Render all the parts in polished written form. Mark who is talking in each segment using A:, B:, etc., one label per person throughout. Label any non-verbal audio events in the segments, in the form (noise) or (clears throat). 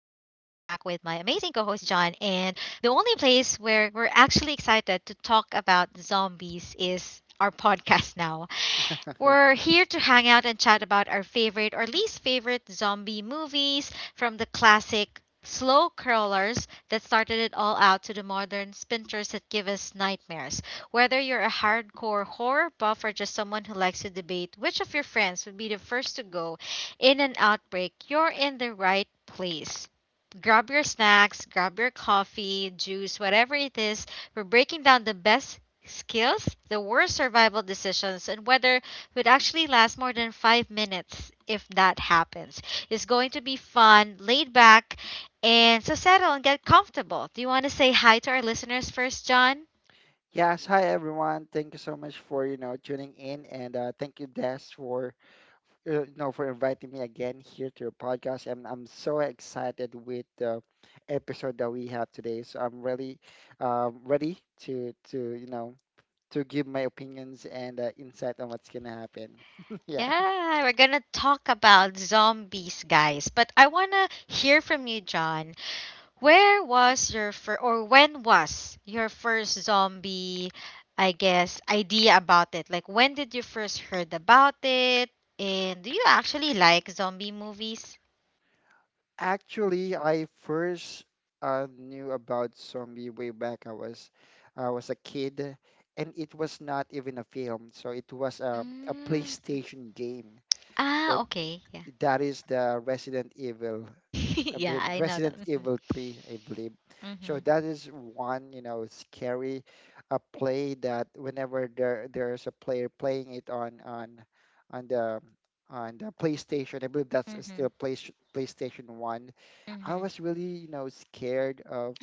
A: amazing co host, John. And the only place where we're actually excited to talk about zombies is our (laughs) podcast now.
B: Okay.
A: We're here to hang out and chat about our favorite or least favorite zombie movies, from the classic slow crawlers that started it all out to the modern splinters that give us nightmares. Whether you're a hardcore horror buff or just someone who likes to debate which of your friends would be the first to go in an outbreak, you're in the right place. Grab your snacks, grab your coffee, juice, whatever it is. We're breaking down the best skills, the worst survival decisions, and whether would actually last more than 5 minutes if that happens. It's going to be fun, laid back, and so settle and get comfortable. Do you want to say hi to our listeners first, John?
B: Yes. Hi, everyone. Thank you so much for tuning in, and thank you, Des, for for inviting me again here to your podcast. And I'm so excited with the episode that we have today. So I'm really ready to to give my opinions and insight on what's gonna happen. (laughs) Yeah.
A: Yeah, we're going to talk about zombies, guys. But I want to hear from you, John. Where was your first, or when was your first zombie, I guess, idea about it? Like, when did you first heard about it? And do you actually like zombie movies?
B: Actually, I first knew about zombie way back I was a kid, and it was not even a film, so it was a
A: Mm.
B: PlayStation game. So
A: Ah, okay. Yeah.
B: that is the Resident Evil.
A: (laughs)
B: I
A: Yeah,
B: believe
A: I know that.
B: Resident
A: Mhm.
B: Evil 3, I believe. So
A: Mhm.
B: that is one, you know, scary play that whenever there's a player playing it on the on the PlayStation. I believe that's still
A: Mhm.
B: PlayStation 1. I
A: Mhm.
B: was really, you know, scared of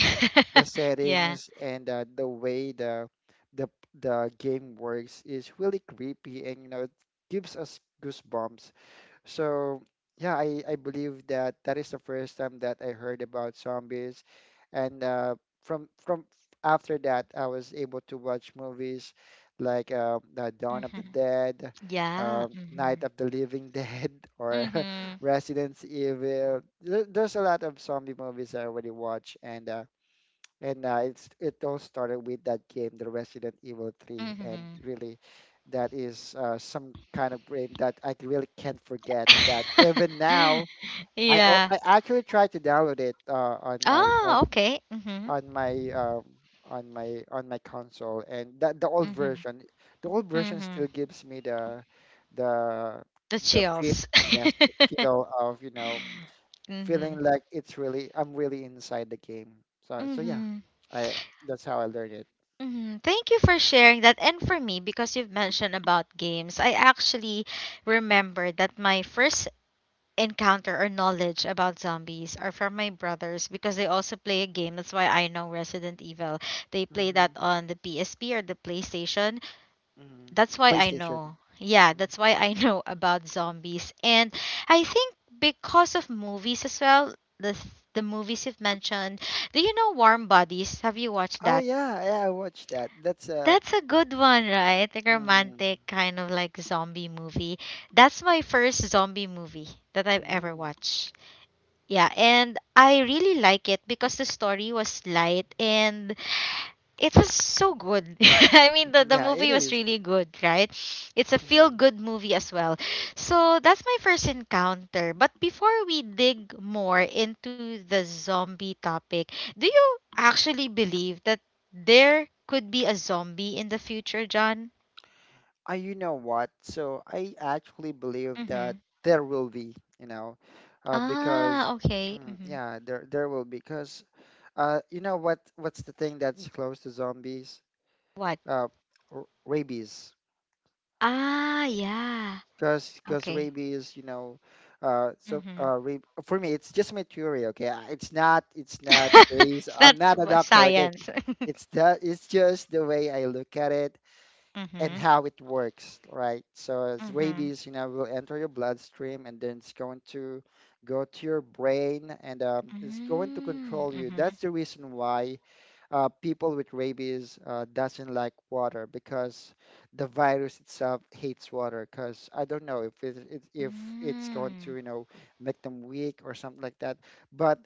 B: the
A: (laughs) Yeah.
B: settings, and the way the the game works is really creepy, and you know it gives us goosebumps. So yeah, I believe that that is the first time that I heard about zombies, and from after that I was able to watch movies like the Dawn of the
A: Mhm.
B: Dead,
A: Yeah.
B: Night
A: Mhm.
B: of the Living Dead, (laughs) or (laughs)
A: Mhm.
B: Resident Evil. There's a lot of zombie movies I already watched, and it's it all started with that game, the Resident Evil 3, and
A: Mhm.
B: really, that is some kind of game that I really can't forget. That even now,
A: (laughs) Yeah.
B: I actually tried to download it
A: Oh, okay. Mhm.
B: on my on my on my console, and that
A: Mhm.
B: the old version
A: Mhm.
B: still gives me the
A: The
B: the feel,
A: chills.
B: yes, the
A: (laughs)
B: feel of feeling
A: Mhm.
B: like it's really I'm really inside the game. So so yeah,
A: Mhm.
B: I that's how I learned it.
A: Mhm. Thank you for sharing that. And for me, because you've mentioned about games, I actually remember that my first encounter or knowledge about zombies are from my brothers because they also play a game. That's why I know Resident Evil. They play that
B: hmm
A: on the PSP or the PlayStation.
B: hmm
A: That's why I
B: PlayStation.
A: know. Yeah,
B: Mhm.
A: that's why I (laughs) know about zombies. And I think because of movies as well, the th- the movies you've mentioned. Do you know Warm Bodies? Have you watched
B: Oh
A: that?
B: yeah, yeah, I watched that. That's
A: That's a good one, right? Like
B: mhm,
A: romantic kind of like zombie movie. That's my first zombie movie that I've ever
B: mhm.
A: watched. Yeah, and I really like it because the story was light and it was so good. (laughs) I mean, the
B: Yeah, it
A: movie was
B: is.
A: really good, right? It's a feel
B: Mhm.
A: good movie as well. So that's my first encounter. But before we dig more into the zombie topic, do you actually believe that there could be a zombie in the future, John?
B: You know what? So I actually believe that
A: Mm-hmm.
B: there will be, you know, uh, because
A: Ah, okay. Mm-hmm.
B: yeah, there will be because you know what? What's the thing that's close to zombies?
A: What?
B: Uh, Rabies.
A: Ah, yeah.
B: Because
A: Okay.
B: rabies, you know, so
A: Mm-hmm.
B: rab for me, it's just my theory. Okay, it's not
A: (laughs)
B: based.
A: So
B: I'm
A: that's
B: not a doctor. Okay,
A: science. (laughs)
B: it's the it's just the way I look at it and
A: Mm-hmm.
B: how it works, right? So as
A: Mm-hmm.
B: rabies, you know, will enter your bloodstream and then it's going to go to your brain, and it's going to control you.
A: Mm-hmm.
B: That's the reason why people with rabies doesn't like water because the virus itself hates water. Because I don't know if it, it
A: Mm-hmm.
B: if it's going
A: Mm-hmm.
B: to make them weak or something like that. But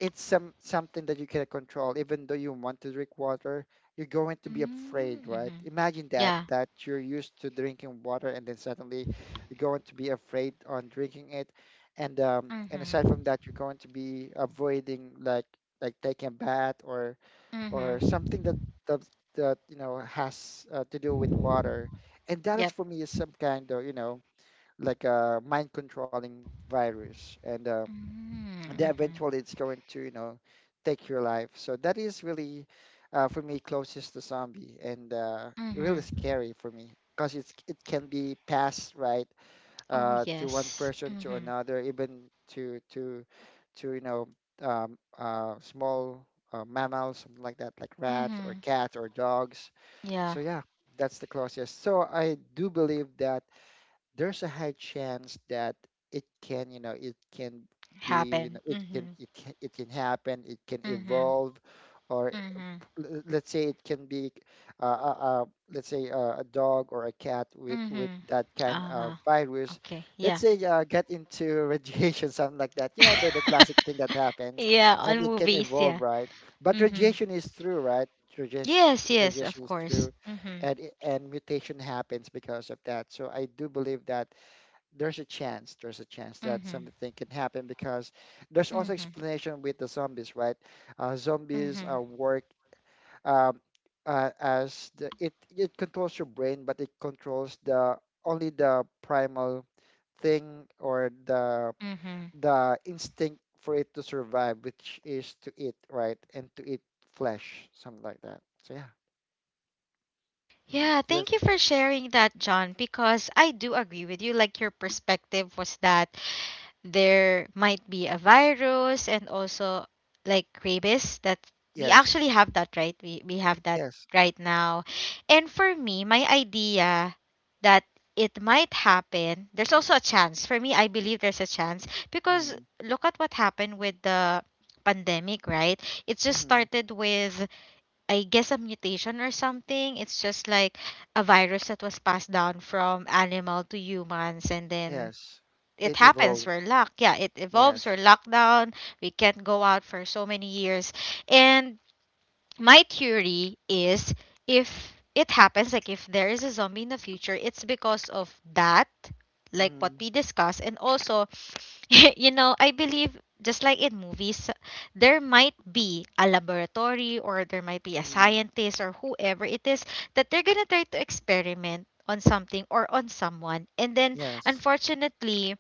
B: it's something that you can control. Even though you want to drink water, you're going to be afraid, right?
A: Mm-hmm.
B: Imagine that
A: Yeah.
B: that you're used to drinking water and then suddenly you're going to be afraid on drinking it. And aside
A: Mm-hmm.
B: from that, you're going to be avoiding like taking a bath or something
A: Mm-hmm.
B: that, that you know has to do with water. And that is
A: Yep.
B: for me is some kind of, you know, like a mind controlling virus. And and then
A: Mm-hmm.
B: eventually it's going to, you know, take your life. So that is really, for me, closest to zombie. And really
A: Mm-hmm.
B: scary for me because it's it can be passed, right?
A: Oh
B: To one
A: yes.
B: person to
A: Mm-hmm.
B: another, even to to to you know small mammals, something like that, like rats or
A: Mm-hmm.
B: cats or dogs.
A: Yeah.
B: So yeah, that's the closest. So I do believe that there's a high chance that it can, you know, it can be, you know,
A: Happen. Mm-hmm.
B: it can happen, it can
A: Mm-hmm.
B: evolve, or
A: Mm-hmm.
B: let's say it can be, uh, uh, uh, let's say a dog or a cat with
A: Mm-hmm.
B: that kind of
A: Uh
B: virus,
A: okay.
B: let's
A: Yeah.
B: say get into (laughs) radiation, something like that. You know, the classic thing that
A: (laughs)
B: happens,
A: Yeah,
B: and
A: on
B: it can
A: movies,
B: evolve,
A: yeah.
B: right? But
A: Mm-hmm.
B: radiation is through, right?
A: Yes, yes, of
B: Radiation is
A: course.
B: through,
A: Mm-hmm.
B: and and mutation happens because of that. So I do believe that there's a chance that
A: Mhm.
B: something can happen because there's also
A: Mhm.
B: explanation with the zombies, right? Zombies
A: Mhm.
B: work um, as the, it controls your brain, but it controls the only the primal thing or
A: Mhm.
B: the instinct for it to survive, which is to eat, right? And to eat flesh, something like that. So yeah, mm,
A: Yeah,
B: yes,
A: thank you for sharing that, John, because I do agree with you. Like, your perspective was that there might be a virus and also like rabies, that we
B: yes,
A: actually have, that, right? We have that
B: yes.
A: right now. And for me, my idea that it might happen, there's also a chance. For me, I believe there's a chance because
B: Mm.
A: look at what happened with the pandemic, right? It just
B: Mm,
A: started with, I guess, a mutation or something. It's just like a virus that was passed down from animal to humans, and then
B: yes.
A: it
B: It
A: happens.
B: evolved.
A: We're locked. Yeah, it evolves.
B: Yes.
A: We're locked down. We can't go out for so many years. And my theory is, if it happens, like, if there is a zombie in the future, it's because of that, like what
B: Mm,
A: we discussed. And also, (laughs) I believe, just like in movies, there might be a laboratory, or there might be a
B: mm,
A: scientist or whoever it is, that they're gonna try to experiment on something or on someone, and then
B: yes.
A: unfortunately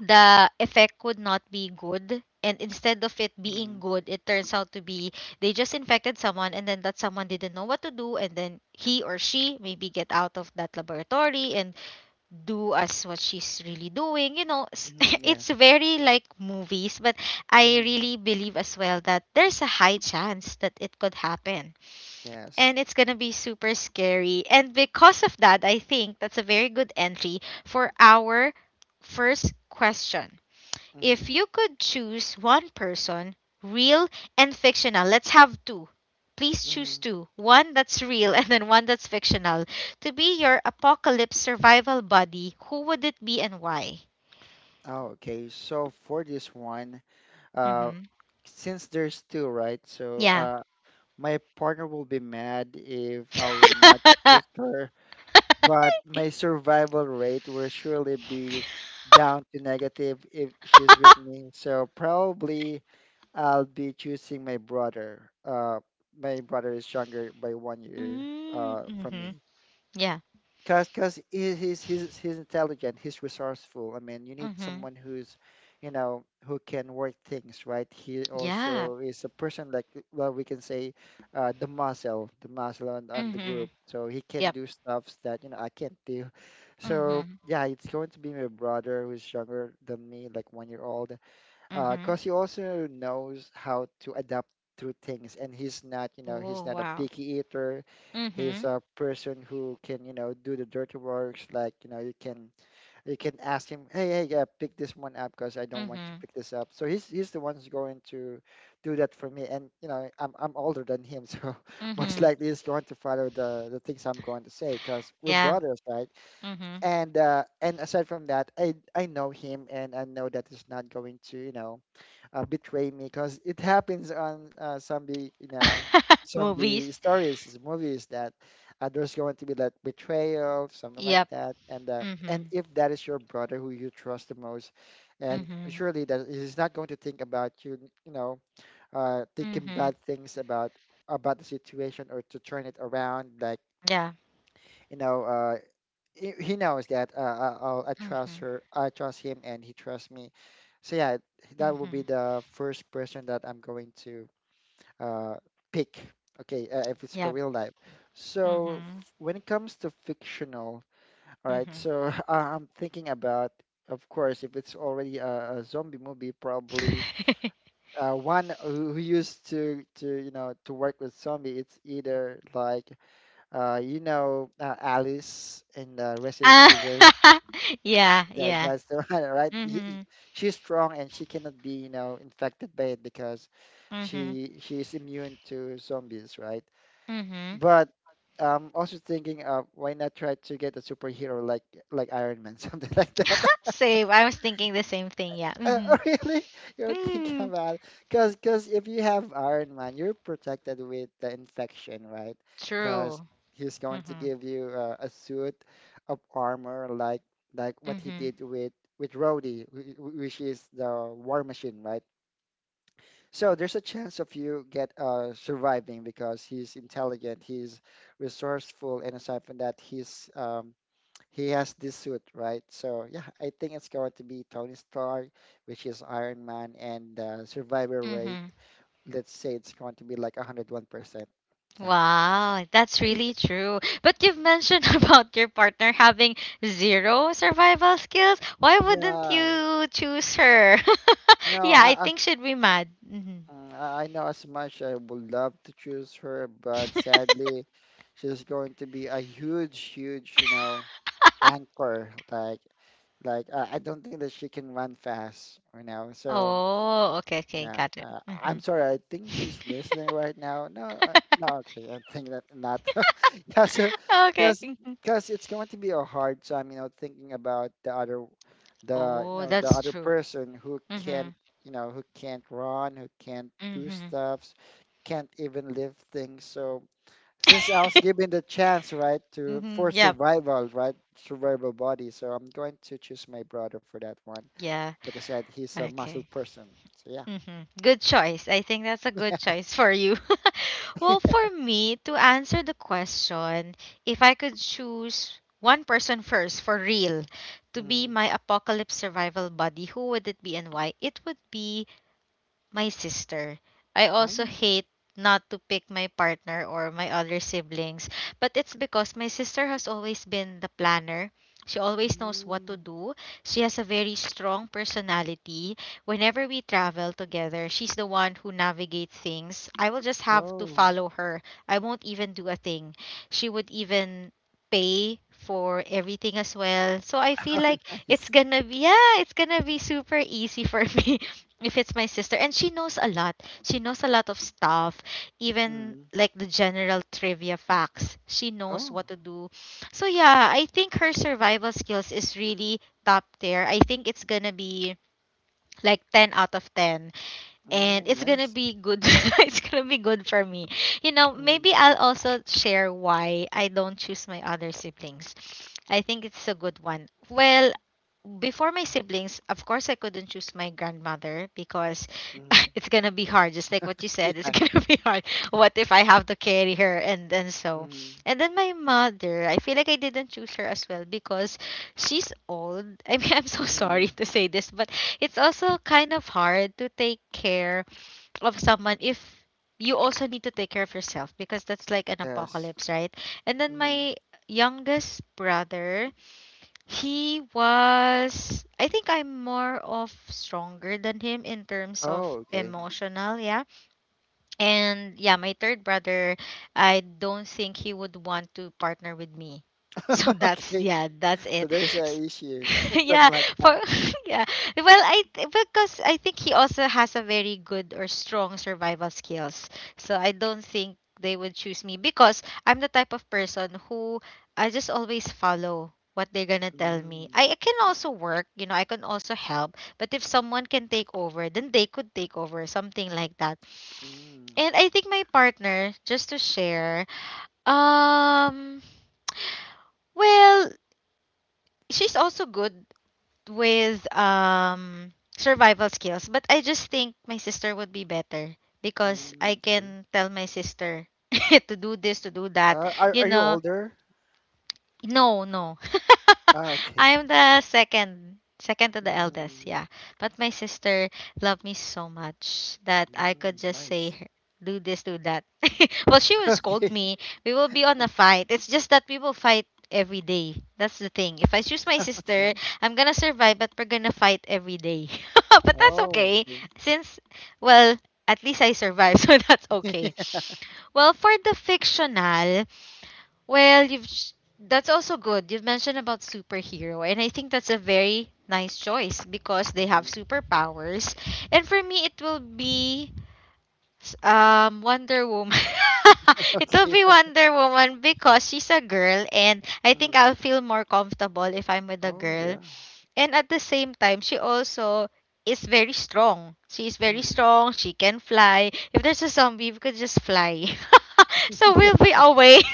A: the effect would not be good, and instead of it being
B: Mm,
A: good it turns out to be they just infected someone, and then that someone didn't know what to do, and then he or she maybe get out of that laboratory and do as what she's really doing, (laughs)
B: mm,
A: it's
B: yes.
A: very like movies, but I
B: Mm,
A: really believe as well that there's a high chance that it could happen,
B: yes.
A: and it's gonna be super scary. And because of that, I think that's a very good entry for our first question. If
B: Mm,
A: you could choose one person, real and fictional, let's have two. Please choose
B: mm.
A: two. One that's real and then one that's fictional. To be your apocalypse survival buddy, who would it be and why?
B: Oh, okay. So for this one, uh,
A: Mm-hmm.
B: since there's two, right?
A: Yeah.
B: My partner will be mad if I will not choose
A: (laughs)
B: her, but my survival rate will surely be down to negative if she's with me. So probably. I'll be choosing my brother. My brother is younger by 1 year from
A: Mm-hmm.
B: me.
A: Yeah.
B: Cause, cause He, he's intelligent. He's resourceful. I mean, you need
A: Mm-hmm.
B: someone who's, you know, who can work things right. He
A: Yeah.
B: also is a person like well, we can say, the muscle on the
A: Mm-hmm.
B: group. So he can
A: Yep.
B: do stuffs that you know I can't do. So
A: Mm-hmm.
B: yeah, it's going to be my brother who's younger than me, like 1 year old
A: Mm-hmm.
B: because he also knows how to adapt to things, and he's not, you know, he's
A: Oh
B: not a
A: wow.
B: picky eater. He's
A: Mm-hmm.
B: a person who can, you know, do the dirty works. Like, you know, you can ask him, hey, hey, yeah, pick this one up because I don't want to
A: Mm-hmm.
B: pick this up. So he's the one who's going to do that for me, and you know, I'm older than him, (laughs) so most
A: Mm-hmm.
B: likely he's going to follow the things I'm going to say because we're
A: Yeah.
B: brothers, right?
A: Mm-hmm.
B: And aside from that, I know him, and I know that he's not going to, you know, betray me because it happens on some the you know
A: (laughs)
B: some
A: Movies.
B: the stories, movies that there's going to be that betrayal something like
A: Yep.
B: that. And and
A: Mm-hmm.
B: if that is your brother who you trust the most, and
A: Mhm.
B: surely that he's not going to think about you, you know, thinking
A: Mhm.
B: bad things about the situation, or to turn it around like,
A: Yeah.
B: you know, he knows that I trust
A: Mhm.
B: her, I trust him, and he trusts me. So yeah, that will
A: Mhm.
B: be the first person that I'm going to uh, pick. Okay, if it's a
A: Yep.
B: real life. So
A: Mhm.
B: when it comes to fictional, all right.
A: Mhm.
B: So (laughs) I'm thinking about, of course, if it's already a zombie movie, probably
A: (laughs)
B: one who used to to work with zombie. It's either like Alice in Resident
A: Ah,
B: Evil.
A: (laughs) yeah, yeah.
B: That's the (laughs) one, right?
A: Mhm.
B: She's strong and she cannot be, you know, infected by it because
A: Mhm.
B: she is immune to zombies, right?
A: Mhm.
B: But I'm also thinking of why not try to get a superhero like Iron Man, (laughs) something like that.
A: (laughs) Same. I was thinking the same thing. Yeah.
B: Uh,
A: Mhm.
B: (laughs) Really? You're thinking
A: Mm.
B: about it. Because cause 'Cause if you have Iron Man, you're protected with the infection, right? Because
A: True.
B: he's going to
A: Mhm.
B: give you a suit of armor like what he
A: Mhm.
B: did with Rhodey, which is the War Machine, right? So there's a chance of you get surviving because he's intelligent, he's resourceful, and aside from that, he has this suit, right? So yeah, I think it's going to be Tony Stark, which is Iron Man, and survivor rate.
A: Mhm.
B: Let's say it's going to be like 101%. Yeah.
A: Wow, that's really true. But you've mentioned (laughs) about your partner having zero survival skills. Why wouldn't
B: Yeah.
A: you choose her?
B: You
A: (laughs)
B: know,
A: Yeah, I
B: I, as,
A: think she'd be mad. Mm-hmm.
B: I know as much I would love to choose her, but sadly, she's going to be a huge, you know, anchor. Like I don't think that she can run fast, you know. So
A: Oh, okay, okay,
B: yeah,
A: got it.
B: I'm
A: Mhm.
B: sorry. I think she's
A: (laughs)
B: listening right now. No, no, okay. I think that not. (laughs) Yeah, so
A: Okay.
B: because
A: Mhm.
B: because it's going to be a hard time, you know, thinking about
A: Oh,
B: the
A: that's
B: other
A: true.
B: person who can't,
A: Mhm.
B: you know, who can't run, who can't do
A: Mhm.
B: stuffs, can't even lift things. So since I was given the chance, right, to
A: Mhm.
B: for
A: (laughs) Yep.
B: survival, right, survival body, so I'm going to choose my brother for that one.
A: Yeah.
B: Like I said, he's a muscle
A: Okay.
B: person. So yeah.
A: Mhm. Good choice. I think that's a good choice for you. (laughs) Well,
B: (laughs)
A: for me, to answer the question, if I could choose one person first for real to be
B: Mm.
A: my apocalypse survival buddy, who would it be and why? It would be my sister. I also
B: Oh.
A: hate not to pick my partner or my other siblings, but it's because my sister has always been the planner. She always knows what to
B: Mm.
A: do. She has a very strong personality. Whenever we travel together, she's the one who navigates things. I will just have to
B: Oh. (laughs)
A: follow her. I won't even do a thing. She would even pay for everything as well. So I feel
B: Oh,
A: like it's
B: nice.
A: gonna be yeah, it's gonna be super easy for (laughs) me if it's my sister. And she knows a lot. She knows a lot of stuff, even
B: Mm.
A: like the general trivia facts. She knows
B: Oh.
A: what to do. So yeah, I think her survival skills is really top tier. I think it's gonna be like 10 out of 10, and
B: Mm,
A: it's gonna
B: nice.
A: be good. (laughs) It's gonna be good for me. You know,
B: Mm.
A: maybe I'll also share why I don't choose my other siblings. I think it's a good one. Well, before my siblings, of course, I couldn't choose my grandmother because (laughs)
B: Mm.
A: it's gonna be hard. Just like what you
B: (laughs)
A: said, it's (laughs)
B: Yeah.
A: gonna be hard. What if I have to carry her and then so,
B: Mm.
A: and then my mother. I feel like I didn't choose her as well because she's old. I mean, (laughs) I'm so sorry
B: Mm.
A: to say this, but it's also kind of hard to take care of someone if you also need to take care of yourself because that's like an
B: Yes.
A: apocalypse, right? And then
B: Mm.
A: my youngest brother, he was, I think I'm more of stronger than him in terms of
B: Oh, okay.
A: emotional, yeah. And yeah, my third brother, I don't think he would want to partner with me. (laughs) So
B: (laughs)
A: that's,
B: Okay.
A: yeah, that's
B: So
A: it.
B: there's
A: S-
B: an issue.
A: (laughs)
B: (laughs) Something
A: yeah,
B: like that.
A: for (laughs) yeah. Well, because I think he also has a very good or strong survival skills. So I don't think they would choose me because I'm the type of person who I just always follow what they're gonna tell me.
B: Mm.
A: I can also work, you know, I can also help, but if someone can take over, then they could take over, something like that.
B: Mm.
A: And I think my partner, just to share, um, well, she's also good with survival skills, but I just think my sister would be better because I
B: Mm. Okay.
A: can tell my sister (laughs) to do this, to do that,
B: Are
A: you
B: are you
A: know.
B: older?
A: No, no.
B: Ah,
A: (laughs)
B: okay.
A: I'm the second to the eldest,
B: Mm.
A: yeah. But my sister loved me so much that I could
B: Mm.
A: just say,
B: Nice. (laughs)
A: her- do this, do that. (laughs) Well, she will scold
B: Okay.
A: me. We will be on a fight. It's just that we will fight every day. That's the thing. If I choose my sister,
B: Okay.
A: I'm gonna survive, but we're gonna fight every day. (laughs) But that's
B: Oh,
A: okay.
B: okay.
A: Since, well, at least I survived, (laughs) so that's okay. Well, for the fictional, well, you've that's also good. You've mentioned about superhero, and I think that's a very nice choice because they
B: (laughs)
A: have
B: Hmm.
A: superpowers. And for me, it will be Wonder Woman. (laughs) It will be
B: Yeah.
A: Wonder Woman because she's a girl, and I think
B: Mm-hmm.
A: I'll
B: (laughs)
A: feel more comfortable if I'm with a
B: Oh,
A: girl.
B: yeah.
A: And at the same time, she also is very strong. She is very
B: Mm-hmm.
A: strong. She can fly. If there's a zombie, we could just fly. (laughs) So we'll be away (laughs)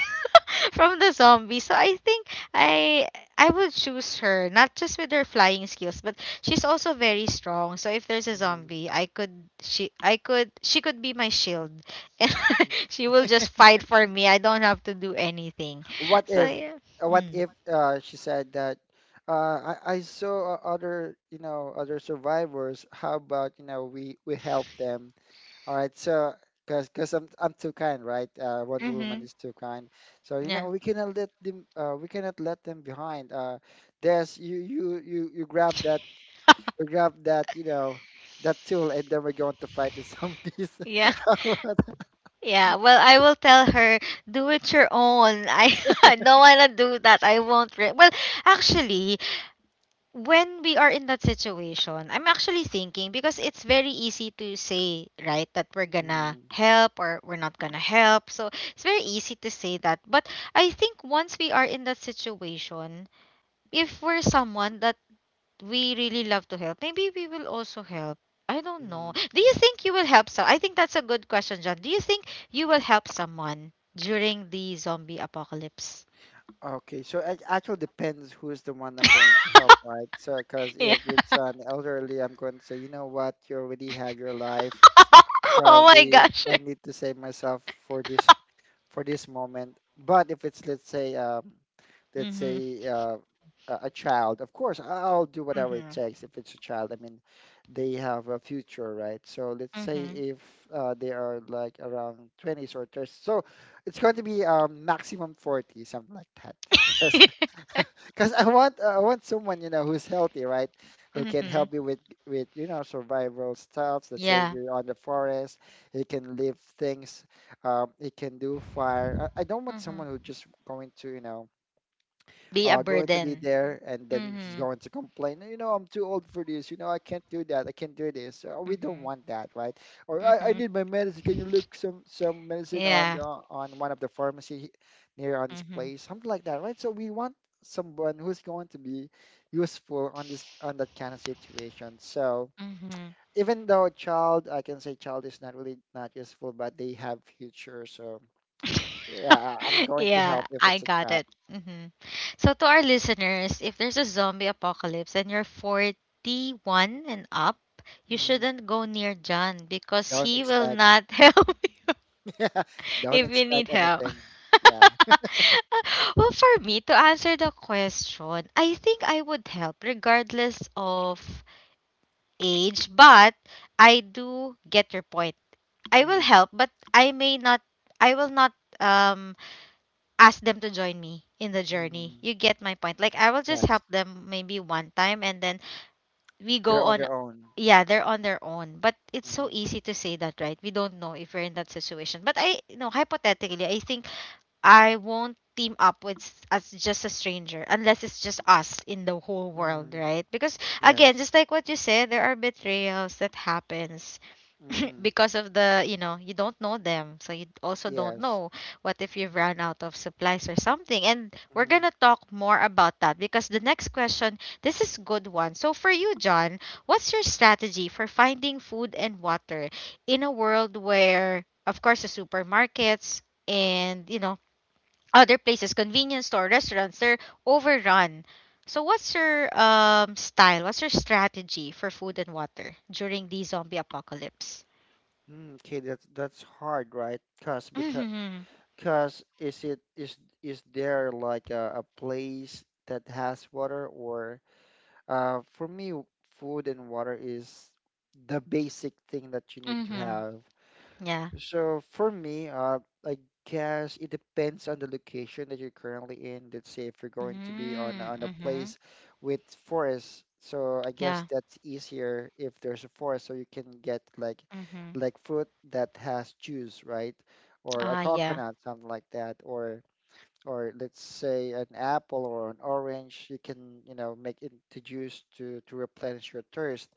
A: from the zombie. So I think I I would choose her, not just with her flying skills, but she's also very strong. So if there's a
B: Mhm.
A: zombie, I could she could be my shield. (laughs) And she will just fight for me. I don't have to do anything.
B: What
A: So
B: if,
A: yeah.
B: uh, what
A: Mm.
B: if uh, she said that I saw other survivors. How about, we help them? All right, so because I'm too kind, right? Wonder Woman
A: Mhm.
B: is too kind. So,
A: Yeah.
B: we cannot let them. We cannot let them behind. There's You grab that you grab that you know tool, and then we're going to fight the zombies. (laughs)
A: Yeah.
B: (laughs) How about that?
A: Yeah, well, I will tell her, do it your own. I, (laughs) I don't want to do that. I won't. Well, actually, when we are in that situation, I'm actually thinking because it's very easy to say, right, that we're gonna
B: Mm,
A: help or we're not gonna help. So it's very easy to say that. But I think once we are in that situation, if we're someone that we really love to help, maybe we will also help. I don't know.
B: mm.
A: Do you think you will help? So I think that's a good question, John. Do you think you will help someone during the zombie apocalypse?
B: Okay, so it actually depends who's the one I'm going to help, right? So, because
A: (laughs) Yeah.
B: if it's an elderly, I'm going to say, you know what, you already had your life.
A: (laughs) Oh my
B: Probably,
A: gosh.
B: I
A: (laughs)
B: need to save myself for this moment. But if it's, let's say, let's
A: Mm-hmm.
B: say uh, a child, of course, I'll do whatever it
A: Mm-hmm.
B: takes. If it's a child, I mean, they have a future, right? So let's say
A: Mm-hmm.
B: if they are like around 20s or 30s, so it's going to be maximum 40, something like that. (laughs) Because
A: (laughs)
B: because I want someone, who's healthy, right? Who can
A: Mhm.
B: help me with survival stuff. Let's say
A: Yeah.
B: we're on the forest, he can lift things, he can do fire. I don't want
A: Mhm.
B: someone who just going to
A: Be a
B: be
A: burden.
B: there, and then he's
A: Mhm.
B: going to complain, I'm too old for this, I can't do that, I can't do this. We don't
A: Mhm.
B: want that, right? Or I
A: Mhm.
B: need my medicine. Can you look some medicine on
A: Yeah.
B: the, on one of the pharmacy near on this
A: Mhm.
B: place, something like that, right? So we want someone who's going to be useful on this on that kind of situation. So
A: Mhm.
B: even though a child, I can say child is not really not useful, but they have future. So yeah, I'm
A: (laughs)
B: going to
A: Yeah,
B: help if
A: I
B: it's a
A: got
B: child.
A: it. Hmm. So to our listeners, if there's a zombie apocalypse and you're 41 and up, you
B: Mhm.
A: shouldn't go near John because
B: Don't
A: he will
B: expect
A: not (laughs) help you.
B: (laughs)
A: (laughs)
B: don't
A: If you
B: expect
A: need help.
B: anything. Yeah.
A: (laughs) Well, for me to answer the question, I think I would help regardless of age, but I do get your point. I will
B: Mm-hmm.
A: help, but I will not um ask them to join me in the journey.
B: Mm-hmm.
A: You get my point. Like I will just
B: Yes.
A: help them maybe one time, and then we
B: They're
A: go
B: on
A: on.
B: their own.
A: Yeah, they're on their own. But it's so
B: Mm-hmm.
A: easy to say that, right? We don't know if we're in that situation. But I hypothetically, I think I won't team up with as just a stranger unless it's just us in the whole world,
B: Mm-hmm.
A: right? Because again,
B: Yes.
A: just like what you said, there are betrayals that happens. (laughs) (clears throat)
B: Mm-hmm.
A: Because of the, you don't know them. So you also don't
B: Yes.
A: know what if you've run out of supplies or something. And we're
B: Mm-hmm.
A: going to talk more about that because the next question, this is good one. So for you, John, what's your strategy for finding food and water in a world where of course the supermarkets and other places, convenience store, restaurants, they're overrun. So what's your style? What's your strategy for food and water during the zombie apocalypse?
B: Mm. Okay, that's hard, right? Cause because
A: Mhm.
B: cause is it is there like a place that has water? Or for me, food and water is the basic thing that you need to
A: Mhm.
B: have.
A: Yeah.
B: So for me, I guess it depends on the location that you're currently in. Let's say if you're going to be on
A: Mm,
B: a
A: mhm.
B: place with forest, so I guess
A: Yeah.
B: that's easier if there's a forest, so you can get like
A: Mhm.
B: like fruit that has juice, right? Or a
A: Ah, yeah.
B: coconut, something like that. Or let's say an apple or an orange, you can, make into juice to replenish your thirst.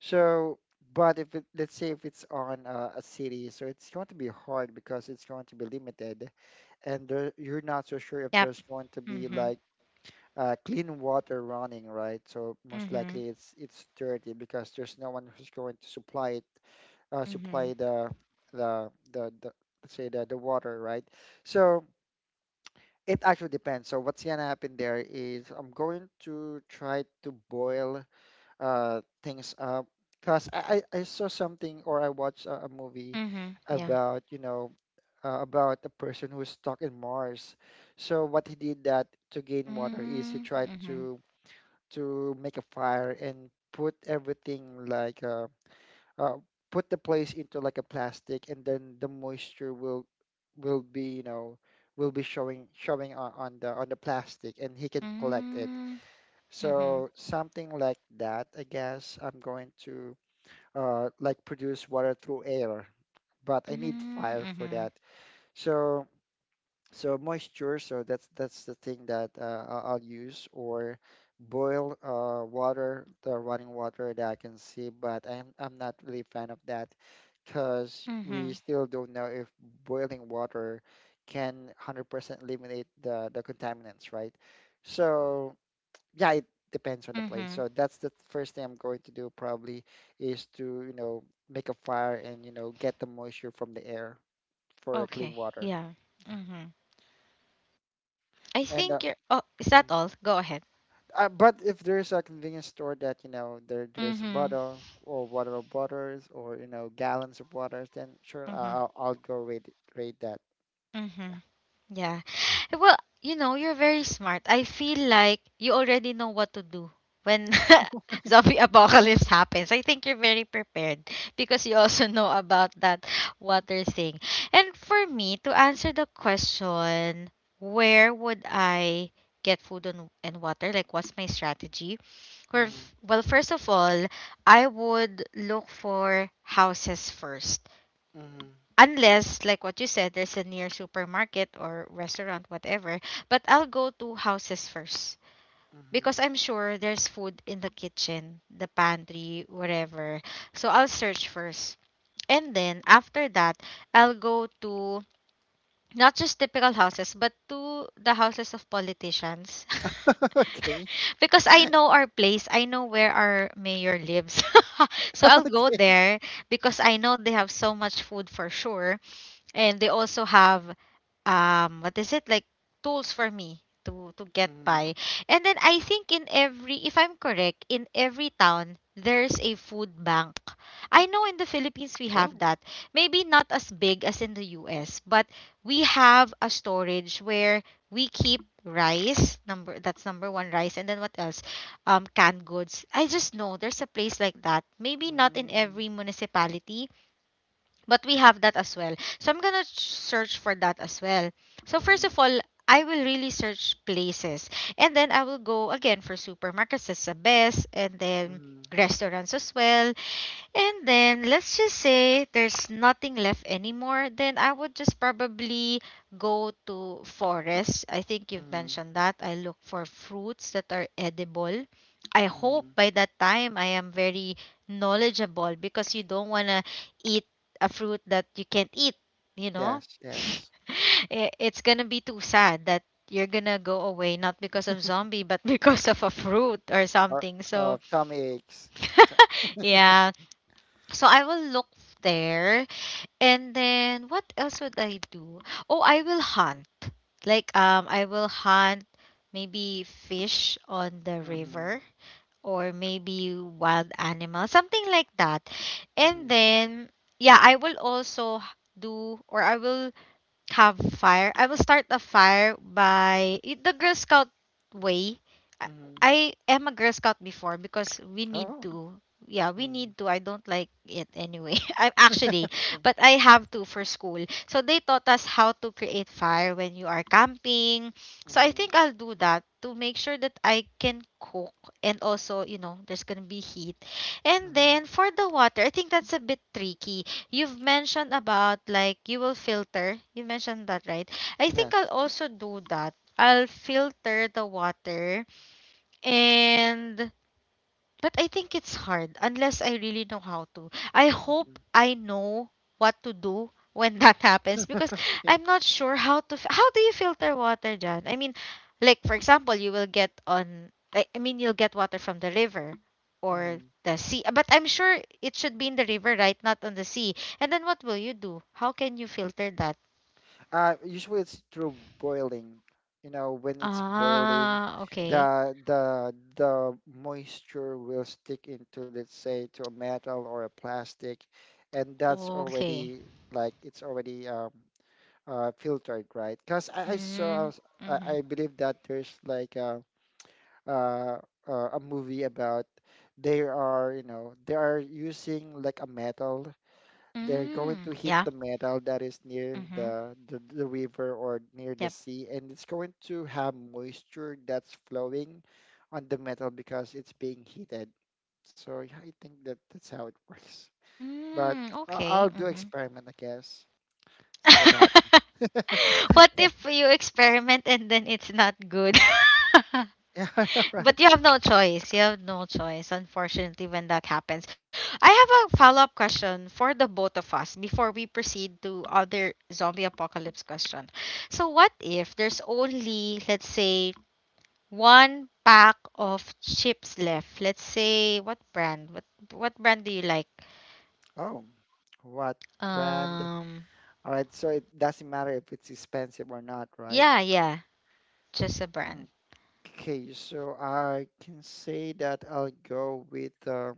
B: So, but if it, let's say if it's on a city, so it's going to be hard because it's going to be limited, and there, you're not so sure if
A: Yep.
B: there's going to be
A: Mhm.
B: like clean water running, right? So most
A: Mhm.
B: likely it's dirty because there's no one who's going to supply it, supply
A: Mhm.
B: the let's say the water, right? So it actually depends. So what's gonna happen there is I'm going to try to boil things up. Cause I saw something, or I watched a movie
A: Mhm. Yeah.
B: about you know about a person who's stuck in Mars. So what he did that to gain water is he
A: Mm,
B: tried
A: mhm.
B: to make a fire and put everything like uh, put the place into like a plastic, and then the moisture will be, will be showing on, on the plastic, and he can collect it.
A: Mm, mhm.
B: So something like that, I guess I'm going to like produce water through air, but I need
A: Mm,
B: fire for
A: mhm.
B: that. So so moisture, so that's the thing that I'll use, or boil water, the running water that I can see, but I'm not really fan of that because we
A: Mhm.
B: still don't know if boiling water can 100% eliminate the contaminants, right? So yeah, it depends on the place.
A: Mhm.
B: So that's the first thing I'm going to do probably is to, make a fire, and, get the moisture from the air for a clean
A: Okay.
B: water.
A: Yeah. Mm-hmm. I
B: And
A: think you're. Oh, is
B: mm.
A: that all? Go ahead.
B: But if there's a convenience store that, there's a
A: Mm-hmm.
B: bottle or water of waters, or, gallons of waters, then sure, I-
A: Mm-hmm.
B: I'll I'll go raid that.
A: Mm-hmm. Yeah. Well, you're very smart. I feel like you already know what to do when
B: (laughs) Yeah.
A: (laughs) zombie apocalypse happens. I think you're very prepared because you also (laughs) know about that water thing. And for me, to answer the question, where would I get food and water? Like, what's my strategy? Well,
B: Hmm.
A: first of all, I would look for houses first.
B: Hmm.
A: Unless, like what you said, there's a near supermarket or restaurant, whatever. But I'll go to houses first
B: Hmm.
A: because I'm sure there's food in the kitchen, the pantry, whatever. So I'll search first. And then after that, I'll go to not just typical houses, but to the houses of politicians.
B: (laughs) Okay.
A: (laughs) Because I know
B: (laughs)
A: our place, I know where our mayor lives. (laughs) So I'll go
B: Okay.
A: there because I know they have so much food for sure. And they also have what is it like tools for me to get
B: Mm-hmm.
A: by. And then I think, in every if I'm correct, in every town there's a food bank. I know in the Philippines we have
B: Oh.
A: that. Maybe not as big as in the US, but we have a storage where we keep rice number, that's number one rice. And then what else, canned goods. I just know there's a place like that, maybe not in
B: Mm.
A: every municipality, but we have that as well. So I'm gonna search for that as well. So first
B: Mm-hmm.
A: of all, I will really search places, and then I will go again for supermarkets, that's the best. And then
B: Mm-hmm.
A: restaurants as well. And then let's just say there's nothing left anymore, then I would just probably go to forest. I think you've
B: Mm-hmm.
A: mentioned that. I look for fruits that are edible. I hope by that time I am very knowledgeable because you don't want to eat a fruit that you can't eat, you know?
B: Yes,
A: (laughs)
B: yes.
A: It's gonna be too sad that you're gonna go away not because of zombie but (laughs) because of a fruit or
B: Or
A: something. So
B: tummy aches.
A: (laughs) yeah, so I will look there. And then what else would I do? Oh, I will hunt. Like I will hunt maybe fish on the
B: Mm-hmm.
A: river, or maybe wild animal, something like that. And
B: Mm-hmm.
A: then yeah, I will also do or I will have fire. I will start a fire by the Girl Scout way. I,
B: Mm-hmm.
A: I am a Girl Scout before because we need
B: Oh.
A: to. Yeah, we
B: Mm-hmm.
A: need to. I don't like it anyway. (laughs) I'm
B: (laughs)
A: actually,
B: Okay.
A: but I have to for school. So they taught us how to create fire when you are camping. So I
B: Mm-hmm.
A: think I'll do that to make sure that I can cook and also, there's going to be heat. And
B: Mm-hmm.
A: then for the water, I think that's a bit tricky. You've mentioned about like you will filter. You mentioned that, right? I think
B: Yes.
A: I'll also do that. I'll filter the water and but I think it's hard unless I really know how to. I hope
B: Mm-hmm.
A: I know what to do when that (laughs) happens because
B: Okay.
A: I'm not sure how to. How do you filter water, John? I mean, like for example, you will get on. I mean, you'll get water from the river or
B: Mm-hmm.
A: the sea. But I'm sure it should be in the river, right? Not on the sea. And then what will you do? How can you filter that?
B: Usually it's through boiling. You know, when it's boiling,
A: Ah, okay.
B: the moisture will stick into, let's say, to a metal or a plastic, and that's
A: Okay.
B: already like it's already filtered, right? Because I, I saw,
A: Mm,
B: I,
A: mm-hmm.
B: I believe that there's like uh, a movie about, they are, they are using like a metal. They're going to
A: Mm,
B: hit
A: yeah.
B: the metal that is near
A: Mm-hmm.
B: the river or near the sea, and it's going to have moisture that's flowing on the metal because it's being heated. So yeah, I think that that's how it (laughs) works. But
A: Mm, okay.
B: I'll do
A: Mhm.
B: experiment, I guess. See what happens.
A: (laughs)
B: (laughs)
A: What
B: Yeah,
A: if you experiment and then it's not good? (laughs)
B: yeah, (laughs) I know, right?
A: But you have no choice. You have no choice, unfortunately, when that happens. I have a follow-up question for the both of us before we proceed to other zombie apocalypse question. So what if there's only, let's say, one pack of chips left? Let's say, what brand? What brand do you like?
B: Oh, what brand?
A: Um,
B: All right, so it doesn't matter if it's expensive or not, right?
A: yeah, yeah. Just a brand.
B: Mm, okay, so I can say that I'll go with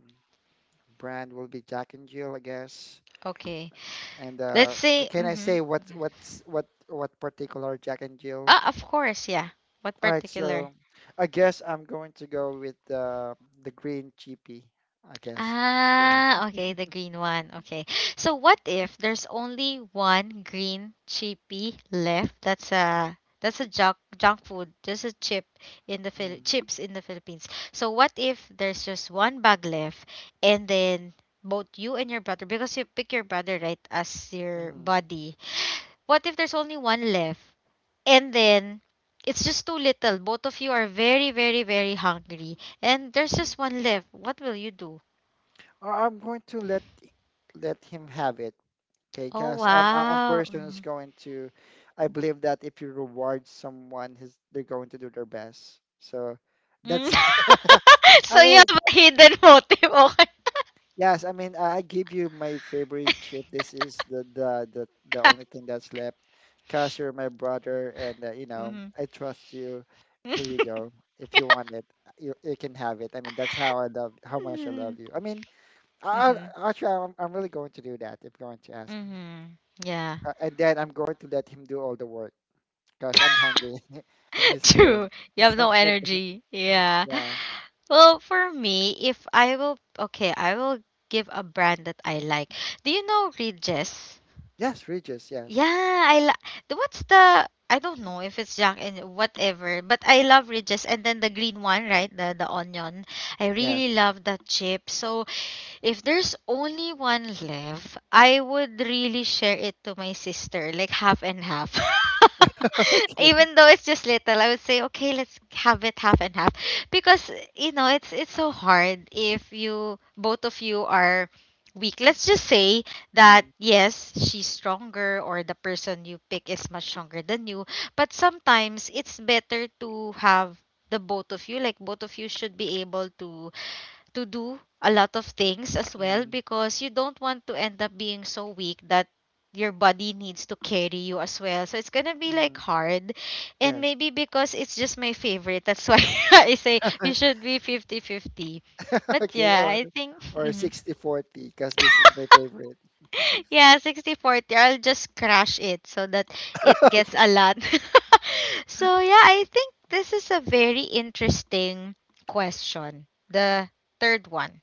B: brand will be Jack and Jill, I guess.
A: Okay.
B: And
A: Let's
B: or
A: say,
B: can I
A: mm-hmm.
B: say what what's what particular Jack and Jill?
A: Ah, of course, yeah. What
B: All right,
A: particular?
B: so I guess I'm going to go with the green chippy. I guess that's the one.
A: Ah, okay, the green one. Okay. So what if there's only one green chippy left? That's a junk food, just a chip in the
B: Mm,
A: chips in the Philippines. So what if there's just one bag left, and then both you and your brother, because you pick your brother, right, as your
B: mm,
A: buddy. What if there's only one left, and then it's just too little. Both of you are very, very, very hungry. And there's just
B: mm.
A: one left. What will you do?
B: Or I'm going to let him have it. Okay,
A: Oh,
B: because a
A: wow.
B: person is
A: Mhm.
B: going to, I believe that if you reward someone, his they're going to do their best. So
A: Mm.
B: that's,
A: (laughs)
B: (laughs) I
A: So you
B: mean,
A: have a hidden motive. Okay.
B: yes, I mean, I give you my favorite chip. This is the only
A: (laughs)
B: thing that's left, because you're my brother, and you know
A: Mm-hmm.
B: I trust you. Here you go. If you want it, you can have it. I mean, that's how I love, how much I love you. I mean,
A: Mm-hmm.
B: actually, I'm really going to do that if you're going to ask me.
A: Mm-hmm. (laughs) Yeah.
B: And then I'm going to let him do all the work. Because I'm hungry (laughs) and
A: (laughs)
B: he's full.
A: True. You
B: (laughs)
A: have no
B: Something like that.
A: energy. Yeah.
B: Yeah.
A: Well, for me, if I will, okay, I will give a brand that I like. Do you know Regis?
B: Yes, Regis. Yes.
A: Yeah, I la- the- what's the I don't know if it's Jack and whatever, but I love ridges, and then the green one, right? The onion. I
B: Yes.
A: really love that chip. So if there's only one left, I would really share it to my sister, like half and half.
B: (laughs)
A: (laughs)
B: Okay.
A: Even though it's just little, I would say, okay, let's have it half and half. Because it's so hard if you both of you are weak. Let's just say that
B: Mm-hmm.
A: yes, she's stronger, or the person you pick is much stronger than you. But sometimes it's better to have the both of you, like both of you should be able to do a lot of things as well,
B: Mm-hmm.
A: because you don't want to end up being so weak that your body needs to carry you as well. So it's gonna be like
B: Hmm.
A: hard. And
B: Yes.
A: maybe because it's just my favorite, that's why (laughs) I say we
B: (laughs)
A: should be fifty-fifty. But
B: Okay.
A: yeah,
B: Or
A: I think (laughs)
B: or
A: mhm.
B: 60/40 because this is my favorite.
A: (laughs) Yeah, 60-40, I'll just crash it so that it
B: (laughs)
A: gets
B: Okay.
A: a lot. (laughs) So yeah, I think this is a very interesting question. The third one.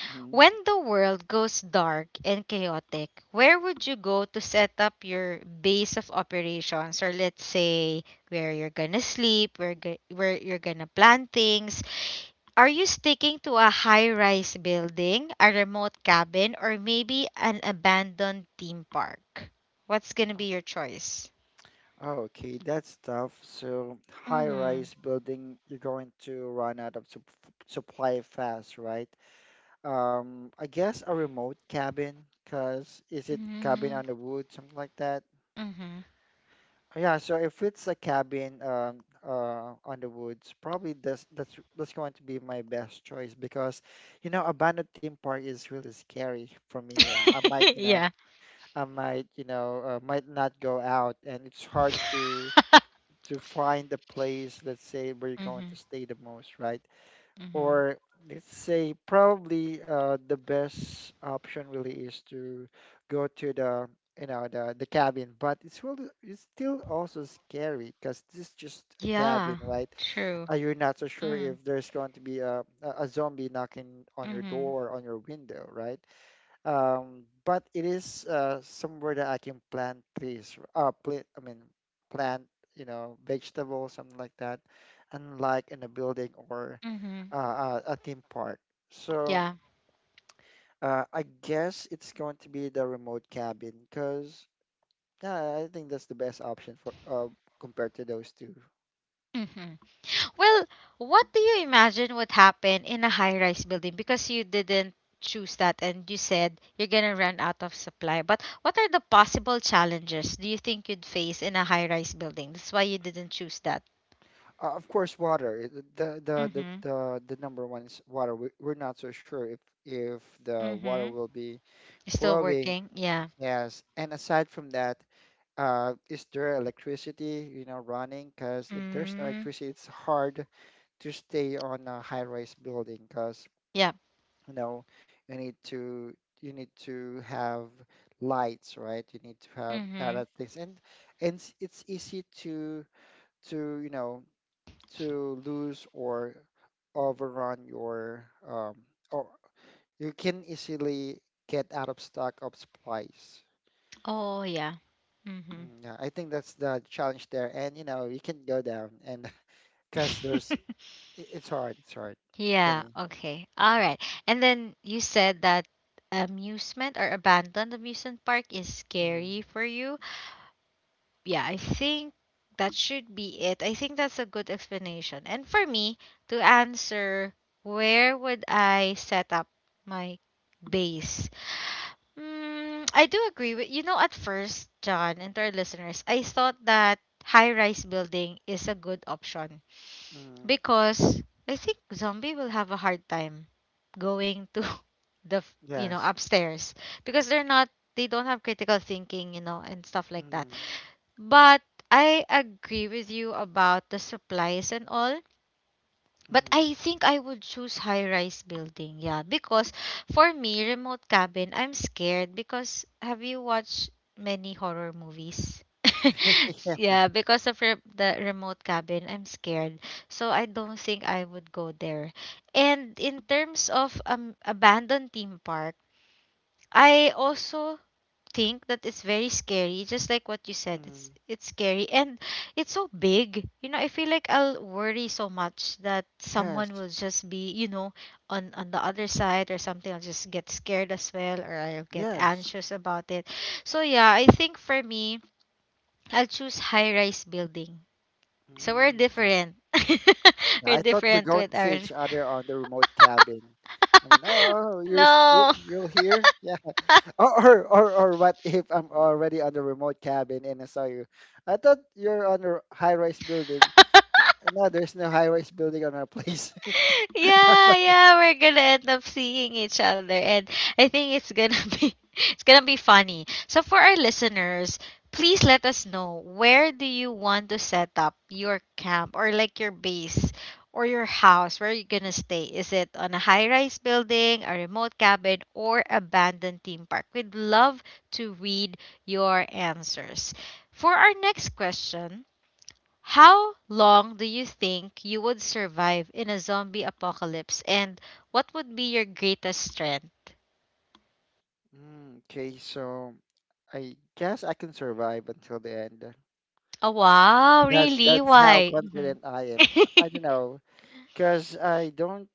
B: Hmm.
A: When the world goes dark and chaotic, where would you go to set up your base of operations? Or let's say where you're gonna sleep, where you're gonna plan things. Are you sticking to a high-rise building, a remote cabin, or maybe an abandoned theme park? What's gonna be your choice?
B: Oh, okay, that's tough. So
A: Mhm.
B: high-rise building, you're going to run out of supply fast, right? I guess a remote cabin. Cause is it cabin
A: Mhm.
B: on the wood, something like that?
A: Mhm.
B: Yeah, so if it's a cabin on the woods, probably that's going to be my best choice because, you know, abandoned theme park is really scary for me. I might,
A: (laughs) Yeah.
B: might not go out, and it's hard to find a place, let's say, where you're going
A: Mhm.
B: to stay the most, right?
A: Mhm.
B: Or let's say probably the best option really is to go to the you know the cabin, but it's still also scary because this is just a cabin,
A: Yeah.
B: right?
A: True.
B: You're not so sure if there's going to be a zombie knocking on your
A: Mhm.
B: door on your window right But it is somewhere that I can plant trees, plant I mean plant you know vegetables, something like that, unlike in a building or
A: Mhm.
B: a theme park. So
A: Yeah.
B: I guess it's going to be the remote cabin because, yeah, I think that's the best option for compared to those two.
A: Mhm. Well, what do you imagine would happen in a high-rise building because you didn't choose that and you said you're going to run out of supply. But what are the possible challenges do you think you'd face in a high-rise building? That's why you didn't choose that.
B: Of course, water. The the the
A: Mhm.
B: the, the number one is water. We're not so sure if the water
A: Mhm.
B: will be
A: Still
B: flowing.
A: working? Yeah.
B: Yes, and aside from that, is there electricity, you know, running? Because if there's no
A: Mm.
B: electricity, it's hard to stay on a high-rise building. Because
A: Yeah.
B: you know you need to have lights, right? You need to have other
A: Mhm.
B: things, and it's easy to you know to lose or overrun your or you can easily get out of stock of supplies.
A: Oh, yeah. Mhm.
B: Mm, yeah, I think that's the challenge there, and you know you can go down and (laughs) because there's
A: (laughs)
B: it's hard for
A: Yeah,
B: me.
A: okay. All right. And then you said that amusement or abandoned amusement park is
B: Hmm.
A: scary for you. Yeah, I think that should be it. I think that's a good explanation. And for me to answer, where would I set up my base? Mm, I do agree with at first, John, and to our listeners, I thought that high-rise building is a good option
B: Hmm.
A: because I think zombie will have a hard time going to (laughs) the
B: Yes.
A: upstairs because they don't have critical thinking, and stuff like that.
B: Hmm.
A: But I agree with you about the supplies and all, but I think I would choose high-rise building. Yeah, because for me, remote cabin, I'm scared because have you watched many horror movies? (laughs) Yeah, because of the remote cabin, I'm scared. So I don't think I would go there. And in terms of abandoned theme park, I also think that it's very scary. Just like what you said, it's
B: Hmm. (laughs)
A: it's scary, and it's so big. You know, I feel like I'll worry so much that someone
B: Yes.
A: will just be, on the other side or something. I'll just get scared as well, or I'll get
B: Yes.
A: anxious about it. So yeah, I think for me, I'll choose high rise building. So we're
B: Mm.
A: different. (laughs)
B: Yeah,
A: We're
B: I thought we're
A: different
B: going
A: with
B: to see
A: our
B: each other on the remote cabin. I mean, oh,
A: (laughs)
B: you're st- you-
A: no.
B: you're here? Yeah. (laughs) Or what if I'm already on the remote cabin and I saw you? I thought you're on a high-rise building.
A: (laughs)
B: No, there's no high-rise building on our place. (laughs)
A: (laughs) Yeah, yeah, we're gonna end up seeing each other, and I think it's gonna (laughs) be it's gonna be funny. So for our listeners, please let us know, where do you want to set up your camp, or like your base or your house? Where are you gonna stay? Is it on a high-rise building, a remote cabin, or abandoned theme park? We'd love to read your answers. For our next question, how long do you think you would survive in a zombie apocalypse, and what would be your greatest strength?
B: Mm, okay, so I guess I can survive until the end.
A: Oh, wow,
B: That
A: really?
B: that's how
A: Why? Mhm.
B: confident I am. I
A: (laughs)
B: don't know, because I don't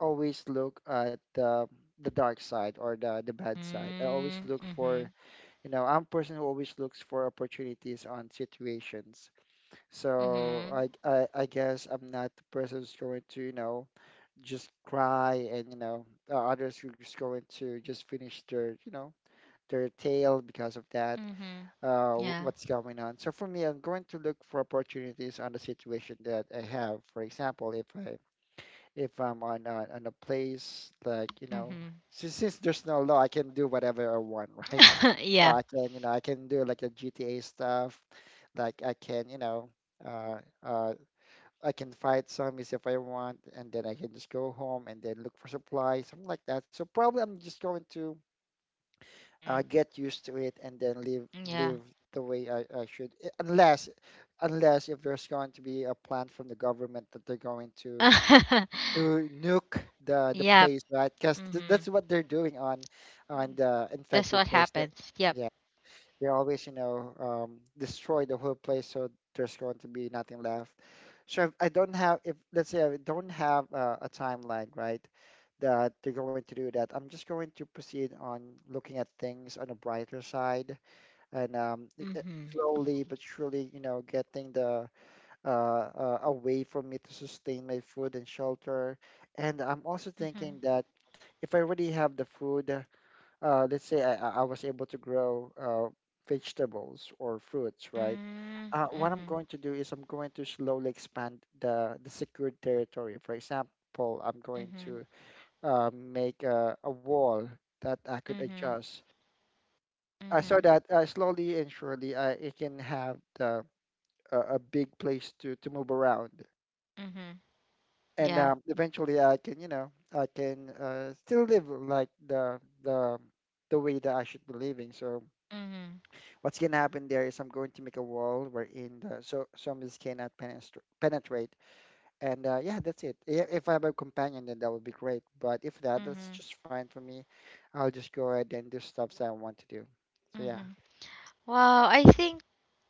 B: always look at the dark side or the bad side. I always
A: Mm,
B: look
A: mhm.
B: for, I'm a person who always looks for opportunities on situations. So
A: Mhm.
B: I guess I'm not the person who's going to, just cry and, others who's just going to just finish their tale because of that,
A: Mhm. Yeah.
B: what's going on. So for me, I'm going to look for opportunities on the situation that I have. For example, if I'm on a place like, you know,
A: Mhm.
B: since there's no law, I can do whatever I want, (laughs) right?
A: (laughs)
B: So
A: Yeah.
B: I can, you know, I can do like the GTA stuff. Like uh, uh, I can fight zombies if I want, and then I can just go home and then look for supplies, something like that. So probably I'm just going to,
A: Mhm.
B: get used to it and then live
A: Yeah.
B: live the way I should. Unless if there's going to be a plan from the government that they're going to
A: (laughs)
B: nuke the
A: Yep.
B: place, right? Because th that's
A: Mhm.
B: what they're doing on the
A: That's
B: infected
A: what
B: place. That
A: happens. Yep.
B: Yeah, they always, destroy the whole place, so there's going to be nothing left. So if I don't have if let's say I don't have, a timeline, right? That they're going to do that. I'm just going to proceed on looking at things on a brighter side and,
A: Mhm.
B: slowly but surely, getting the, a way for me to sustain my food and shelter. And I'm also
A: Mhm.
B: thinking that if I already have the food, let's say I was able to grow, vegetables or fruits, right?
A: Mm,
B: What I'm
A: mhm.
B: going to do is I'm going to slowly expand the secured territory. For example, I'm going
A: Mhm.
B: to, make a wall that I could
A: Mhm.
B: adjust, so
A: Mhm.
B: that, slowly and surely, I can have the, a big place to move around,
A: Mhm.
B: and,
A: Yeah.
B: eventually I can, still live like the way that I should be living. So
A: Mhm.
B: what's gonna happen there is I'm going to make a wall wherein so zombies cannot penetrate. And, yeah, that's it. If I have a companion, then that would be great. But if that, that's
A: Mhm.
B: just fine for me. I'll just go ahead and do stuff that I want to do. So yeah.
A: Mhm. Wow, I think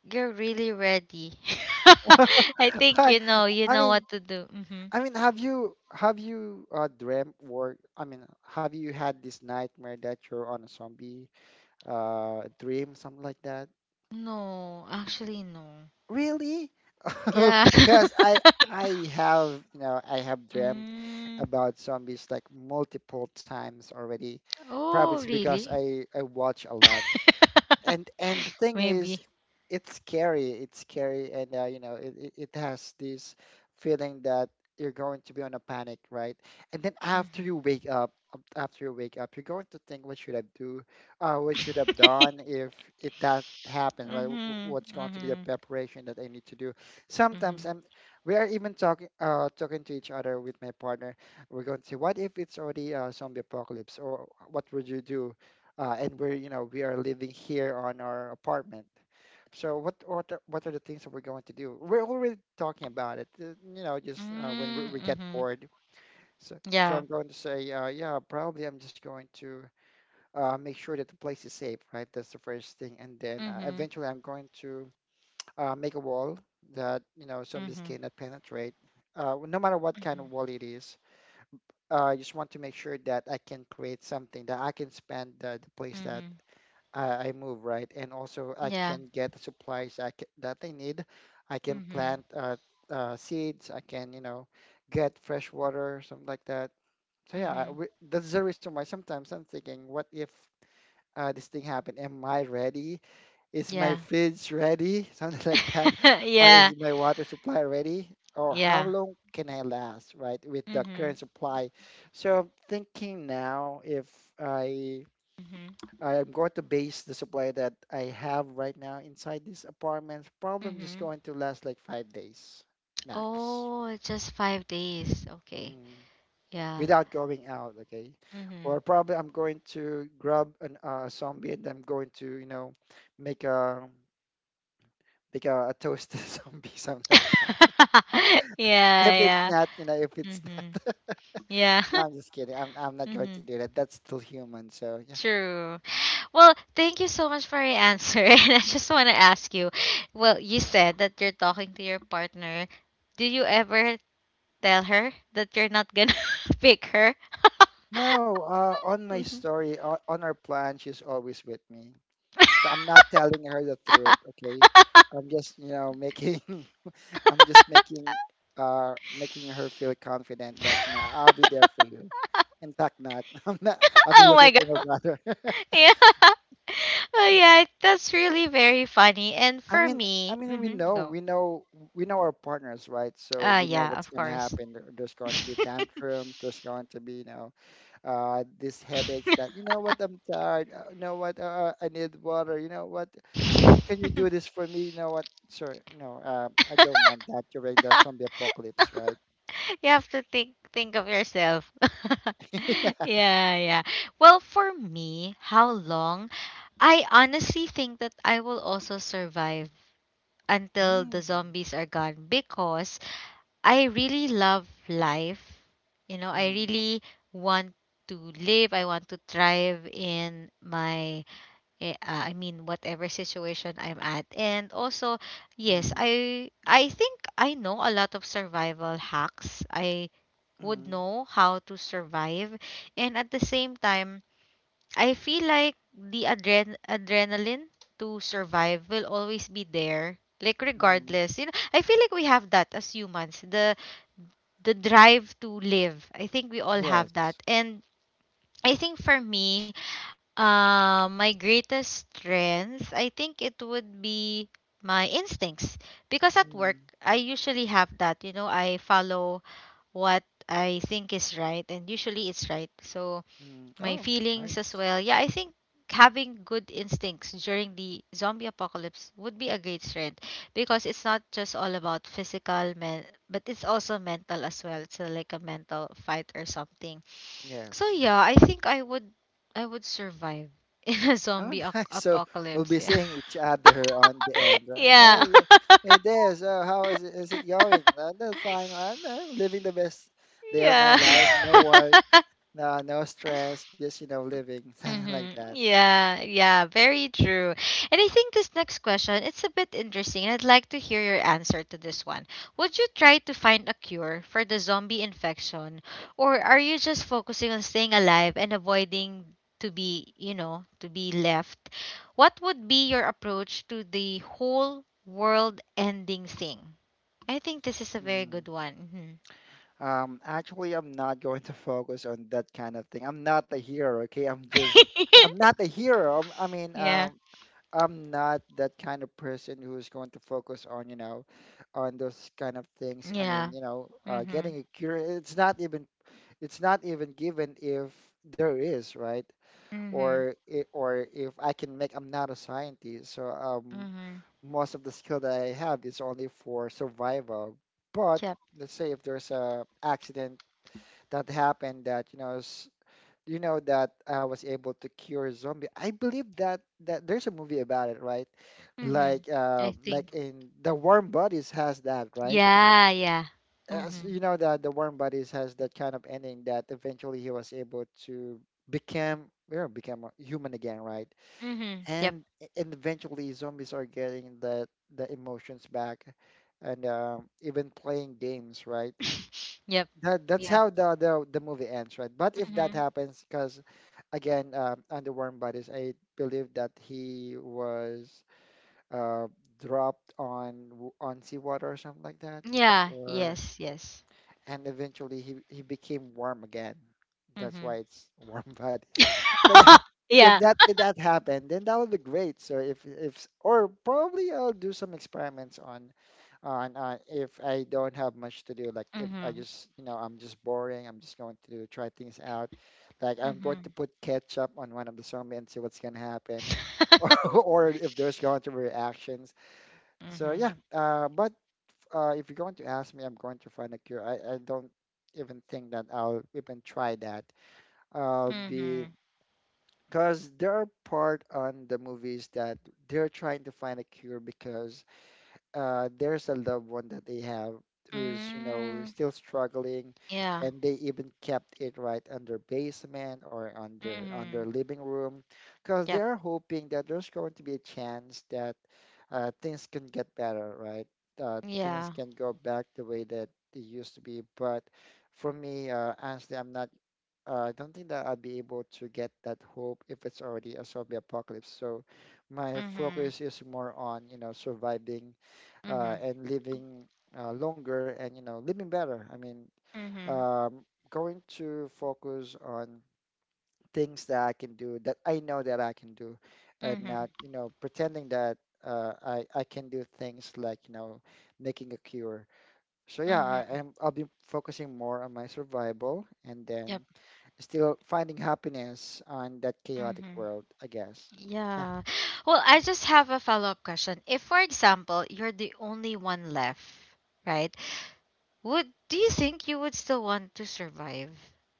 A: you're really ready. (laughs) I
B: (laughs)
A: think
B: I,
A: you
B: I
A: know
B: mean,
A: what to do. Mhm.
B: I mean, have you, have you dreamt or I mean, have you had this nightmare that you're on a zombie, dream, something like that?
A: No, actually no.
B: Really? (laughs)
A: Yeah.
B: Because I
A: (laughs)
B: I have you know I have dreamt
A: Mm.
B: about zombies like multiple times already. Probably
A: Oh,
B: it's because
A: really?
B: I watch a lot,
A: (laughs)
B: and the thing is,
A: Maybe.
B: it's scary, and, you know, it has this feeling that you're going to be on a panic, right? And then,
A: Mhm.
B: after you wake up after you wake up, you're going to think, what should I do? What should I've done
A: (laughs)
B: if that happens, right? Wh- wh-
A: Mhm.
B: what's going to be the
A: Mhm.
B: preparation that I need to do? Sometimes
A: Mhm.
B: I'm we are even talking, talking to each other with my partner. We're going to say, what if it's already a zombie apocalypse, or what would you do? And we're you know we are living here on our apartment. So what are the things that we're going to do? We're already talking about it, just when we,
A: Mm,
B: we get
A: mhm.
B: bored. So
A: (laughs)
B: so
A: Yeah.
B: I'm going to say, yeah, probably I'm just going to, make sure that the place is safe, right? That's the first thing, and then,
A: Mhm.
B: eventually I'm going to, make a wall that, zombies
A: Mhm.
B: cannot penetrate. No matter what kind
A: Mhm.
B: of wall it is, I just want to make sure that I can create something that I can spend, the place that
A: Mhm.
B: I move, right? And also I
A: Yeah.
B: can get supplies, that I need. I can
A: Mhm.
B: plant, seeds. I can get fresh water, something like that. So yeah,
A: Mhm.
B: that's the reason why sometimes I'm thinking, what if, this thing happened? Am I ready? Is my
A: Yeah.
B: fridge ready? (laughs) Something like that.
A: (laughs)
B: Or
A: Yeah.
B: is my water supply ready? Or how
A: Yeah.
B: long can I last, right, with the current
A: Mhm.
B: supply? So I'm thinking now, if I
A: Mhm.
B: I'm going to base the supply that I have right now inside this apartment, probably I'm just
A: Mhm.
B: going to last like 5 days max,
A: Oh, it's just 5 days. Okay.
B: mm,
A: Yeah.
B: without going out, okay?
A: Mhm.
B: Or probably I'm going to grab an, zombie, and I'm going to make a toasted (laughs) zombie, something like that.
A: (laughs) Yeah,
B: If it's
A: yeah.
B: not, you know, if it's
A: Mhm.
B: not,
A: Yeah.
B: (laughs) no, I'm just kidding. I'm
A: (laughs)
B: not going to
A: Mhm.
B: do that. That's still human, so yeah.
A: True. Well, thank you so much for your answer. (laughs) And I just want to ask you, well, you said that you're talking to your partner. Do you ever tell her that you're not gonna (laughs) pick her? (laughs)
B: No, on my
A: Mhm.
B: story, on, our plan, she's always with me. So I'm not telling her the truth, okay?
A: (laughs)
B: I'm just making (laughs) I'm just
A: (laughs)
B: making her feel confident that I'll be there for you. In fact, not. (laughs) I'm not. I'll be
A: Oh
B: looking
A: my
B: for my
A: god. (laughs)
B: brother. (laughs)
A: Yeah. Oh yeah, that's really very funny. And
B: I
A: for
B: mean, I
A: me,
B: mean, we
A: hmm,
B: know,
A: go.
B: we know, we know our partners, right? So we know
A: Yeah,
B: what's
A: of
B: going to
A: course.
B: happen. There's
A: (laughs)
B: going to be
A: You
B: tantrums. There's going to be these headaches that, you know what, I'm tired. You know what, I need water. You know what, can you do this for me? You know what, sir? No, I don't want that during the zombie apocalypse, right?
A: have to think of yourself. (laughs)
B: (laughs) Yeah.
A: Yeah, yeah. Well, for me, how long? I honestly think that I will also survive until the
B: Mm.
A: zombies are gone because I really love life. You know, I
B: Mm-hmm.
A: really want to live. I want to thrive in my, I mean, whatever situation I'm at. And also, yes,
B: Mm-hmm.
A: I think I know a lot of survival hacks. I would
B: Mm-hmm.
A: know how to survive, and at the same time, I feel like the adrenaline to survive will always be there. Like
B: Mm-hmm.
A: regardless, you know, I feel like we have that as humans. The drive to live. I think we all have that.
B: Yes.
A: And I think for me, my greatest strength, I think it would be my instincts. Because at work,
B: Mm-hmm.
A: I usually have that. You know, I follow what I think is right, and usually it's right. So
B: Mm-hmm.
A: my
B: Oh,
A: feelings as
B: nice.
A: well. Yeah, I think having good instincts during the zombie apocalypse would be a great strength because it's not just all about physical men, but it's also mental as well. It's like a mental fight or something. So
B: Yes.
A: yeah, I think I would survive (laughs) in a
B: Oh,
A: zombie
B: (laughs) nice. So we'll
A: apocalypse.
B: be seeing each other on the end. Uh,
A: Yeah.
B: Hey, hey,
A: (laughs)
B: there. So how is it? Is it going? "That's fine, right? I'm living the best day of my
A: Yeah.
B: life.
A: (laughs)
B: No
A: Yeah.
B: work. No, no
A: (laughs)
B: stress. Just living, (laughs) something like
A: Mm-hmm.
B: that."
A: Yeah, yeah, very true. And I think this next question, it's a bit interesting. I'd like to hear your answer to this one. Would you try to find a cure for the zombie infection, or are you just focusing on staying alive and avoiding to be, you know, to be left? What would be your approach to the whole world-ending thing? I think this is a very
B: Mm.
A: good one. Hmm.
B: Actually, I'm not going to focus on that kind of thing. I'm not a hero, okay? I'm
A: (laughs)
B: not a hero. I mean,
A: Yeah.
B: I'm not that kind of person who's going to focus on, you know, on those kind of things. I mean,
A: Yeah. Mhm.
B: getting a cure, it's not even given if there is, right?
A: Mhm.
B: Or if I can make, I'm not a scientist, so,
A: Mhm. Mhm.
B: most of the skill that I have is only for survival. But
A: Yep.
B: let's say if there's a accident that happened that you know s- you know that I was able to cure zombie. I believe that there's a movie about it, right?
A: Mhm.
B: Like
A: I
B: uh,
A: think.
B: like in the Warm Bodies has that, right?
A: Yeah, yeah.
B: As
A: Mhm.
B: you know that the Warm Bodies has that kind of ending that eventually he was able to become you know become a human again, right?
A: Mhm. Yep.
B: And and eventually zombies are getting the emotions back, and, even playing games, right?
A: (laughs) Yep.
B: That's
A: Yeah.
B: how the movie ends, right? But if that
A: Mhm.
B: happens, because again, under Warm Bodies, I believe that he was, uh, dropped on seawater or something like that,
A: Yeah.
B: or
A: Yes. Yes.
B: and eventually he became warm again. That's why
A: Mhm.
B: it's (laughs) Warm Bodies. So yeah, if
A: (laughs) Yeah.
B: that if that happened, then that would be great. So if or probably I'll do some experiments on, and, if I don't have much to do, like if I
A: Mhm.
B: just, you know, I'm just boring, I'm just going to try things out. Like I'm going to
A: Mhm.
B: put ketchup on one of the zombie and see what's gonna happen, (laughs) or, if there's going to be reactions. So
A: Mhm.
B: yeah, but, if you're going to ask me, I'm going to find a cure. I don't even think that I'll even try that. I'll be
A: Mhm. (laughs)
B: because there are part on the movies that they're trying to find a cure because there's a loved one that they have who's, you know,
A: Mm.
B: still struggling,
A: Yeah.
B: and they even kept it right under basement or under
A: Mhm.
B: living room, because they
A: Yep.
B: are hoping that there's going to be a chance that things can get better, right?
A: Yeah.
B: Things can go back the way that they used to be. But for me, honestly, I'm not. I don't think that I'll be able to get that hope if it's already a zombie apocalypse. So my
A: Mhm.
B: focus is more on, you know, surviving
A: Mhm.
B: and living longer and you know living better. I mean,
A: Mhm.
B: um, going to focus on things that I can do that I know that I can do, and
A: Mhm.
B: not you know pretending that I can do things like you know making a cure. So yeah,
A: Mhm.
B: I'll be focusing more on my survival and
A: Yep.
B: then still finding happiness on that chaotic
A: Mhm.
B: world, I guess. Yeah.
A: Yeah. Well, I just have a follow-up question. If, for example, you're the only one left, right? Would, do you think you would still want to survive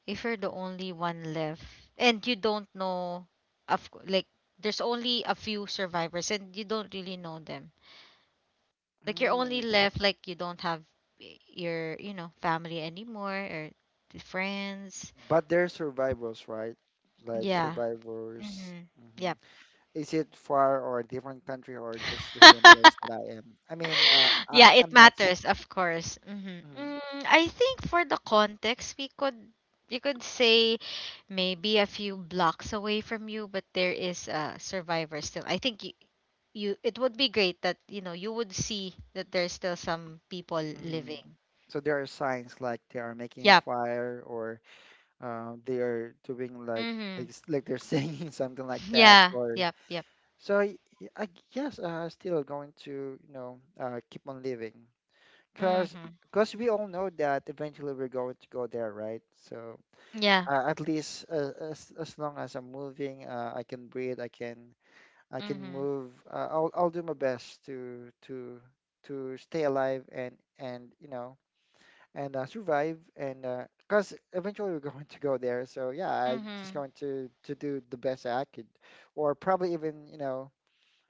A: if you're the only one left and you don't know of like there's only a few survivors and you don't really know them. Like you're only
B: Mm,
A: left, like you don't have your, you know, family anymore or friends.
B: but they're survivors, right? Like
A: Yeah.
B: survivors.
A: Mhm.
B: Mm-hmm.
A: Yep.
B: Is it far or a different country or just
A: (laughs)
B: the same place that I am? I mean, uh,
A: (laughs) Yeah,
B: I'm,
A: it
B: I'm not so.
A: matters, of course. Hmm.
B: Mm.
A: Mm, I think for the context, we could, you could say maybe a few blocks away from you, but there is a survivor still. I think you, it would be great that you know you would see that there's still some people
B: Mm.
A: living.
B: So there are signs like they are making
A: Yep.
B: fire or they are doing like like
A: Mhm.
B: s- like they're singing (laughs) something like
A: (laughs)
B: that
A: Yeah.
B: or
A: Yep. Yep.
B: so I guess still going to you know keep on living because
A: Mhm.
B: because we all know that eventually we're going to go there, right? So
A: Yeah.
B: at least as long as I'm moving, I can breathe, I can
A: Mhm.
B: move. I'll do my best to stay alive, and you know and survive, and because eventually we're (laughs) going to go there. So yeah, I just
A: Mhm.
B: going to do the best I could, or probably even you know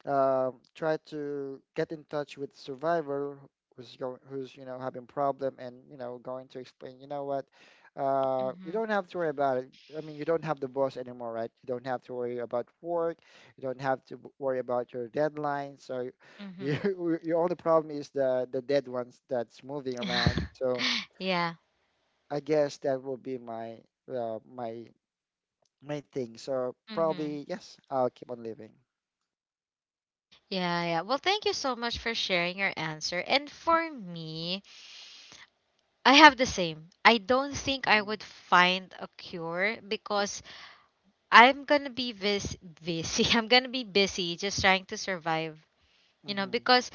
B: try to get in touch with the survivor who's you know having problem and you know going to explain you know what you
A: Mhm.
B: don't have to worry about it. I mean, you don't have the boss anymore, right? You don't have to worry about work, you don't have to worry about your deadline. So
A: Mhm.
B: you, (laughs) your only problem is the dead ones that's moving around.
A: (laughs)
B: So
A: Yeah.
B: I guess that will be my uh, my my thing. So
A: Mhm.
B: probably yes, I'll keep on living.
A: Yeah, yeah. Well, thank you so much for sharing your answer. And for me, I have the same. I don't think I
B: Hmm.
A: would find a cure because I'm going to be busy. (laughs) I'm going to be busy just trying to survive. You know, because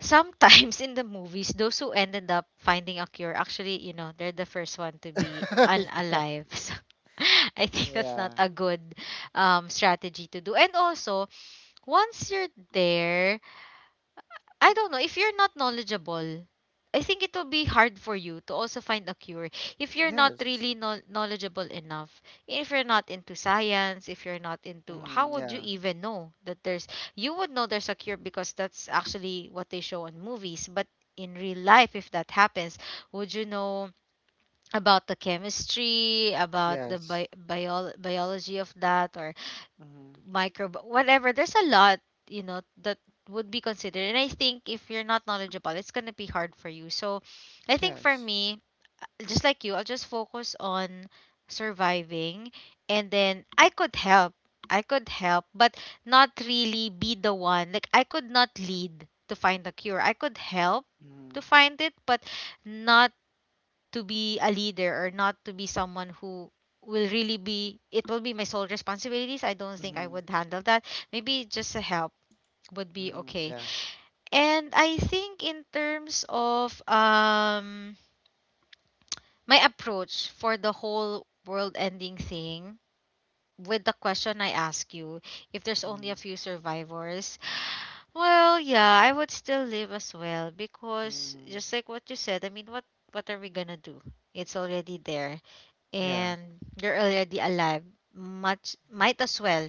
A: sometimes (laughs) in the movies, those who ended up finding a cure actually, you know, they're the first one to be
B: Hmm. (laughs)
A: unalive. (laughs) So I think that's not
B: Yeah.
A: a good strategy to do. And also, once you're there, I don't know. If you're not knowledgeable, I think it will be hard for you to also find a cure. If you're not
B: Yes.
A: really knowledgeable enough, if you're not into science, if you're not into, how
B: Mm,
A: would you
B: yeah.
A: even know that there's, you would know there's a cure because that's actually what they show on movies. But in real life, if that happens, would you know about the chemistry, about the
B: Yes.
A: biology of that, or
B: Mm,
A: micro whatever, there's a lot, you know, that would be considered. And I think if you're not knowledgeable, it's going to be hard for you. So I think for
B: yes.
A: me, just like you, I'll just focus on surviving, and then I could help. But not really be the one, like I could not lead to find the cure. I could help to
B: Mm.
A: find it, but not to be a leader, or not to be someone who will really be, it will be my sole responsibilities. I don't think I
B: Mm.
A: would handle that. Maybe just a help would be
B: Mm,
A: okay.
B: yeah.
A: And I think in terms of my approach for the whole world ending thing, with the question I ask you, if there's only a
B: Mm.
A: few survivors, well yeah, I would still live as well, because
B: Mm,
A: just like what you said, I mean, what are we gonna do? It's already there,
B: yeah.
A: and you're already alive, much might as well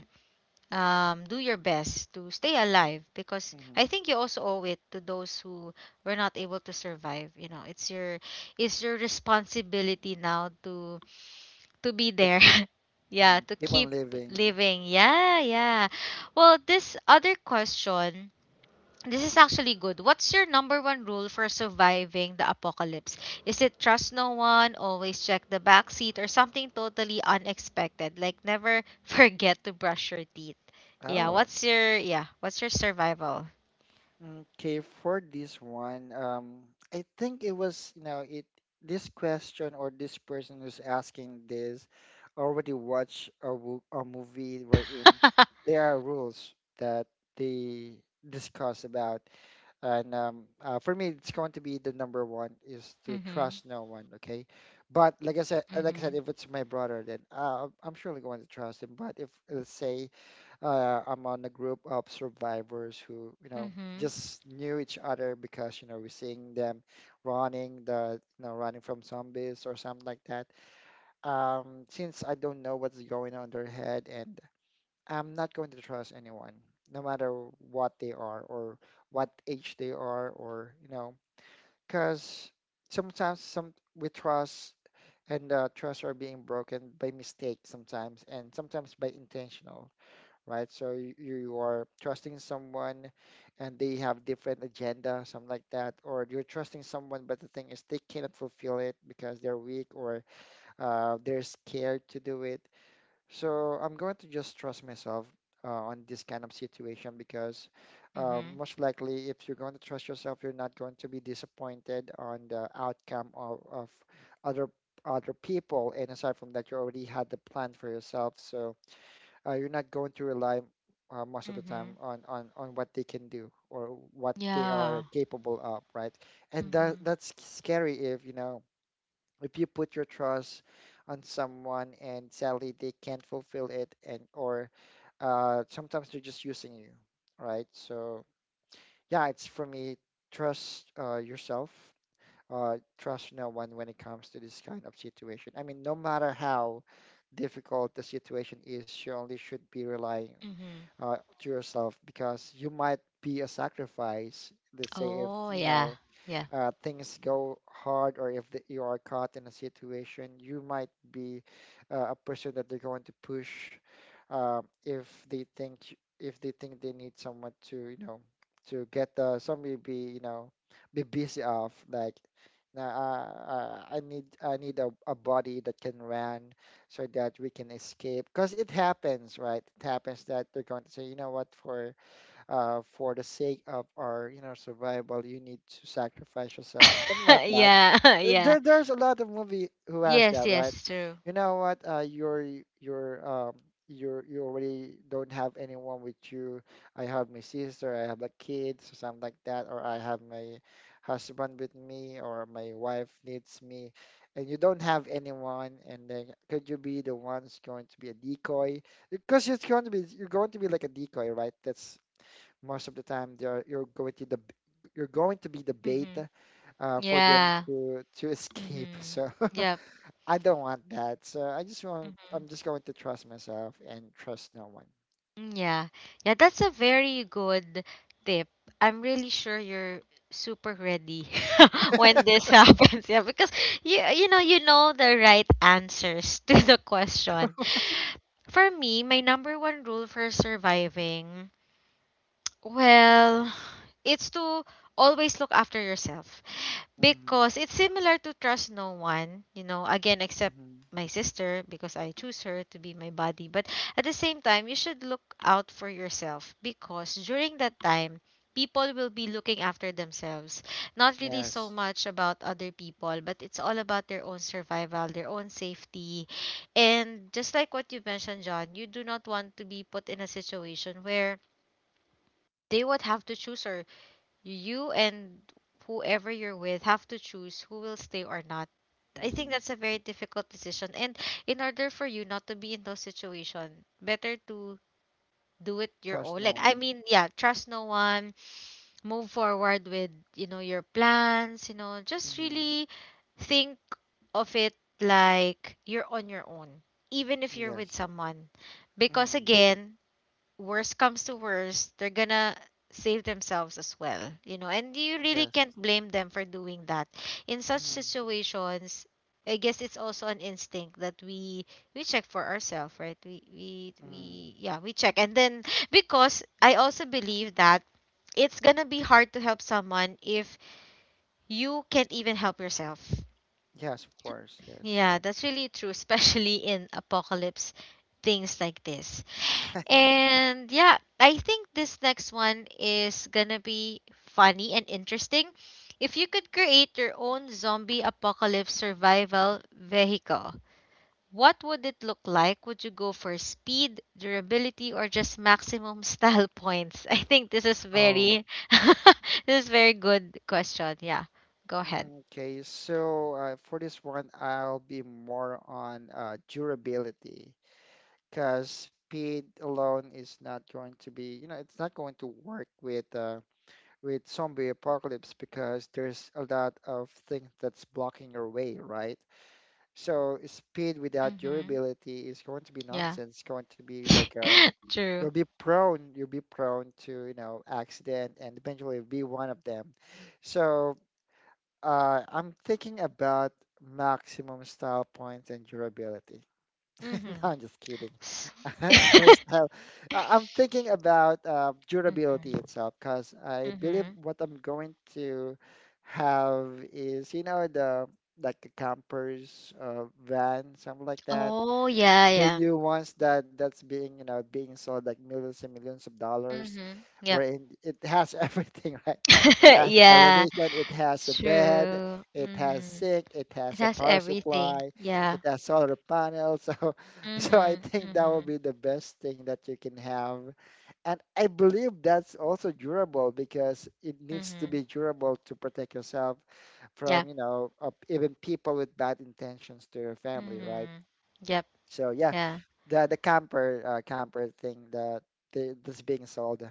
A: do your best to stay alive, because I
B: Mm,
A: think you also owe it to those who were not able to survive. You know, it's your responsibility now to be
B: to
A: there.
B: keep.
A: (laughs) Yeah,
B: Mm,
A: to
B: keep on
A: keep
B: living.
A: living. Yeah, yeah. Well, this other question, this is actually good. What's your number one rule for surviving the apocalypse? Is it trust no one, always check the back seat, or something totally unexpected? Like never (laughs) forget to brush your teeth. Yeah,
B: Oh.
A: what's your, yeah, what's your survival?
B: Okay, for this one, I think it was, you know, it this question or this person who's asking this already watched a, a movie wherein
A: (laughs)
B: there are rules that they discuss about. And for me it's going to be the number one is to
A: Mhm.
B: trust no one. Okay, but like I said,
A: Mhm.
B: if it's my brother, then I'm surely going to trust him. But if let's say I'm on a group of survivors who you know
A: Mhm.
B: just knew each other because you know we're seeing them running the you know running from zombies or something like that. Since I don't know what's going on in their head, and I'm not going to trust anyone, no matter what they are or what age they are, or you know, because sometimes some we trust and trust are being broken by mistake sometimes, and sometimes by intentional, right? So you are trusting someone, and they have different agenda, something like that, or you're trusting someone, but the thing is they cannot fulfill it because they're weak or they're scared to do it. So I'm going to just trust myself on this kind of situation, because
A: Mhm.
B: most likely, if you're going to trust yourself, you're not going to be disappointed on the outcome of other other people. And aside from that, you already had the plan for yourself, so you're not going to rely most of the time
A: Mhm.
B: on what they can do or what they are
A: Yeah.
B: capable of, right? And that
A: Mhm.
B: that's scary if you know if you put your trust on someone and sadly they can't fulfill it. And or sometimes they're just using you, right? So yeah, it's for me, trust yourself, trust no one when it comes to this kind of situation. I mean, no matter how difficult the situation is, you only should be relying
A: Mhm.
B: to yourself, because you might be a sacrifice. Let's say if
A: Oh,
B: you
A: yeah.
B: know
A: Yeah.
B: things go hard, or if that you are caught in a situation, you might be a person that they're going to push if they think, they need someone to you know to get the somebody be you know be busy off like. Now, I need a body that can run so that we can escape. Because it happens, right? It happens that they're going to say, you know what, for the sake of our, you know, survival, you need to sacrifice yourself, something like that.
A: (laughs) Yeah. (laughs) Yeah.
B: There, there's a lot of movie who has
A: Yes,
B: that, right?
A: yes, true.
B: You know what? You're, um, you're, you already don't have anyone with you. I have my sister, I have a kid, so something like that, or I have my husband with me, or my wife needs me, and you don't have anyone, and then could you be the ones going to be a decoy? Because it's going to be, you're going to be like a decoy, right? That's most of the time they're you're going to the you're going to be the bait
A: Mhm.
B: for them
A: Yeah.
B: to escape. (laughs)
A: Mm-hmm.
B: So (laughs)
A: Yep.
B: I don't want that. So
A: Mm-hmm.
B: I'm just going to trust myself and trust no one.
A: Yeah. Yeah, that's a very good tip. I'm really sure you're super ready (laughs) when this happens. Yeah, because you know, you know the right answers (laughs) to the question. For me, my number one rule for surviving Well, it's to always look after yourself
B: Hmm.
A: because it's similar to trust no one, you know, again, except
B: Hmm.
A: my sister because I choose her to be my body. But at the same time, you should look out for yourself because during that time, people will be looking after themselves. Not really so
B: Yes.
A: much about other people, but it's all about their own survival, their own safety. And just like what you mentioned, John, you do not want to be put in a situation where they would have to choose or you and whoever you're with have to choose who will stay or not. I think
B: Hmm.
A: that's a very difficult decision, and in order for you not to be in those situation, better to do it your
B: Trust
A: own.
B: no
A: Like I
B: one.
A: mean, yeah, trust no one, move forward with your plans, just
B: Hmm.
A: really think of it like you're on your own, even if you're with
B: Yes.
A: someone. Because
B: Hmm,
A: again, worst comes to worst, they're gonna save themselves as well, you know, and you really
B: yes.
A: can't blame them for doing that. In such situations, I guess it's also an instinct that we check for ourselves, right? We we
B: Mm-hmm.
A: we yeah, we check. And then because I also believe that it's gonna be hard to help someone if you can't even help yourself.
B: Yes. Of course, yes.
A: Yeah, that's really true, (laughs) especially in apocalypse things like this.
B: (laughs) Yeah.
A: And yeah, I think this next one is gonna be funny and interesting. If you could create your own zombie apocalypse survival vehicle, what would it look like? Would you go for speed, durability, or just maximum style (laughs) points? I think this is
B: Oh.
A: very, (laughs) this is very good question. Yeah. Go ahead.
B: Mm, okay, so for this one, I'll be more on durability. Because speed alone is not going to be, you know, it's not going to work with zombie apocalypse, because there's a lot of things that's blocking your way, right? So speed without
A: Mm-hmm.
B: durability is going to be
A: Yeah.
B: nonsense. Going to be like
A: (laughs) True.
B: you'll be prone to, you know, accident and eventually be one of them. So I'm thinking about maximum style points and durability. (laughs) No,
A: Mm-hmm.
B: I'm just kidding. (laughs)
A: (laughs)
B: First,
A: Mm-hmm.
B: I'm thinking about durability itself, because I believe
A: Mm-hmm.
B: what I'm going to have is, you know, the like a campers van, something like that,
A: Oh, yeah,
B: the
A: yeah.
B: new ones that that's being you know being sold like millions and millions of dollars,
A: Mhm. Yep.
B: wherein it has everything, (laughs) right? It
A: (laughs)
B: has
A: Yeah,
B: television, it has a
A: it's
B: bed,
A: true.
B: it has
A: Mhm.
B: sink, it
A: It
B: has a
A: has
B: power
A: everything.
B: supply,
A: Yeah.
B: it has solar panels. (laughs) So so I
A: Mhm.
B: think that will
A: Mhm.
B: be the best thing that you can have. And I believe that's also durable, because it needs to
A: Mhm.
B: be durable to protect yourself
A: Yeah.
B: from you know even people with bad intentions to your family, right?
A: Mhm. Yep.
B: So yeah,
A: Yeah.
B: the camper camper thing that that's being sold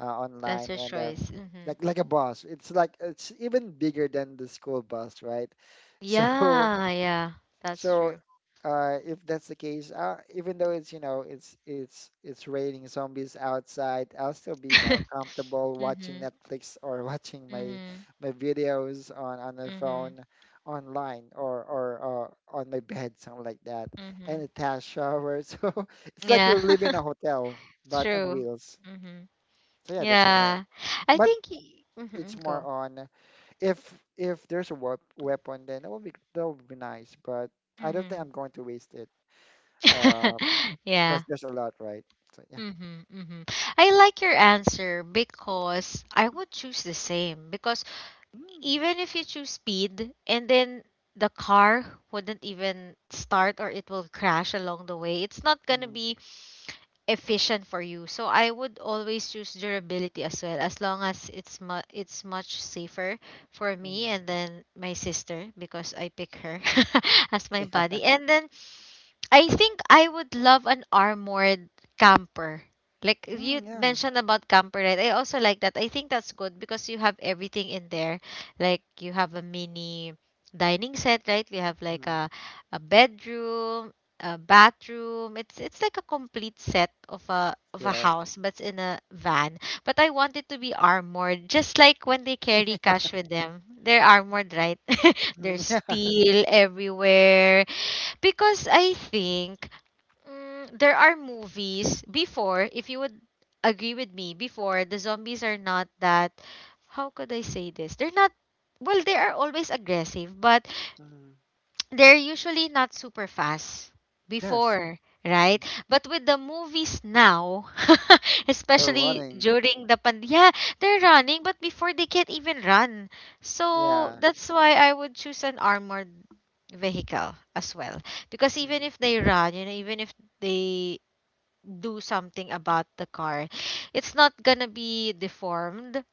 A: That's
B: online,
A: your
B: and
A: choice. Mhm.
B: like a bus. It's like it's even bigger than the school bus, right? (laughs) So
A: Yeah, yeah. That's
B: so,
A: true.
B: if that's the case, even though it's, you know, it's raining zombies outside, I'll still be, you know,
A: (laughs)
B: comfortable watching
A: Mhm.
B: Netflix or (laughs) watching my
A: Mhm.
B: my videos on the
A: Mhm.
B: phone, online or on my bed, something like that, and
A: Mhm.
B: a tap shower. (laughs) So it's like
A: Yeah.
B: you're living in a
A: (laughs)
B: hotel,
A: It's
B: but on
A: true.
B: wheels.
A: Mhm.
B: So yeah, that's my.
A: Yeah. I
B: But
A: think
B: it's
A: mhm.
B: more
A: Go.
B: on if weapon, then that would be nice. But I don't think
A: Mhm.
B: I'm going to waste it. Uh,
A: (laughs)
B: because
A: Yeah.
B: there's a lot, right? So yeah.
A: Mm-hmm, mm-hmm. I like your answer because I would choose the same. Because
B: Mm.
A: even if you choose speed and then the car wouldn't even start or it will crash along the way, it's not going to
B: Mm.
A: be efficient for you. So I would always choose durability as well, as long as it's it's much safer for me
B: Mm.
A: and then my sister because I pick her (laughs) as my buddy. And then I think I would love an armored camper. Like
B: Mm,
A: you
B: yeah.
A: mentioned about camper, right? I also like that. I think that's good because you have everything in there. Like you have a mini dining set, right? We have like
B: Mm.
A: a bedroom, a bathroom. It's like a complete set of a
B: Yes.
A: house, but it's in a van. But I want it to be armored, just like when they carry cash with them. They're armored, right? (laughs)
B: Mm,
A: There's
B: (laughs) yeah.
A: steel everywhere because I think mm, there are movies before, if you would agree with me, before the zombies are not that. How could I say this? They're not. Well, they are always aggressive, but
B: Mm,
A: they're usually not super fast
B: yes.
A: before,
B: Mm.
A: right? But with the movies now, (laughs)
B: They're
A: especially
B: running.
A: during the pandemic, yeah, they're running, but before they can't even run. So
B: Yeah.
A: that's why I would choose an armored vehicle as well. Because even
B: Mm.
A: if they run, you know, even if they do something about the car, it's not gonna be deformed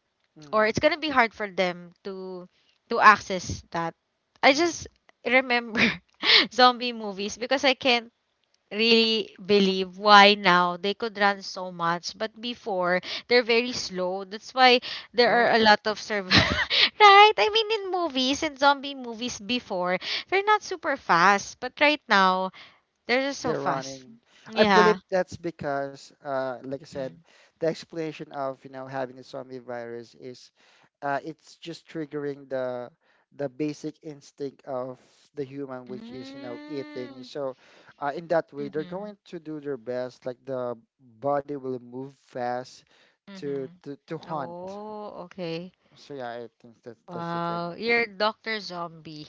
A: or it's
B: Mm.
A: gonna be hard for them to access that. I
B: Mm.
A: just remember (laughs) zombie movies because I can't really believe why now they could run so much, but before they're very slow. That's why there are
B: Oh.
A: a lot of serv, (laughs) right? I mean, in movies, in zombie movies before, they're not super fast, but right now they're just so
B: They're running.
A: fast.
B: I
A: Yeah.
B: believe that's because, like I said,
A: Mm.
B: the explanation of you know having the zombie virus is, it's just triggering the basic instinct of the human, which is you know eating.
A: Mm.
B: So, in that way, they're
A: Mhm.
B: going to do their best. Like the body will move fast to
A: Mhm.
B: to to hunt.
A: Oh, okay.
B: So yeah, I think that's the thing.
A: Wow, you're Dr. Zombie.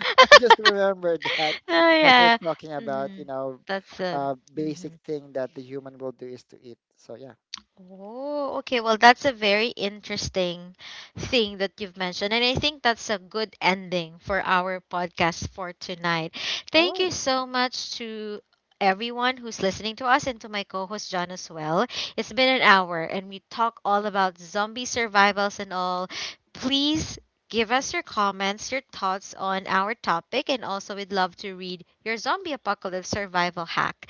B: (laughs) I just remembered that
A: (laughs) Oh
B: they're
A: yeah.
B: talking about,
A: Hmm.
B: you know,
A: That's it.
B: basic
A: Hmm.
B: thing that the human will do is to eat. So yeah.
A: Oh, okay. Well, that's a very interesting thing that you've mentioned. And I think that's a good ending for our podcast for tonight. Thank you
B: Oh,
A: so much to everyone who's listening to us and to my co host, John, as well. It's been an hour and we talk all about zombie survivals and all. Please give us your comments, your thoughts on our topic, and also we'd love to read your zombie apocalypse survival hack.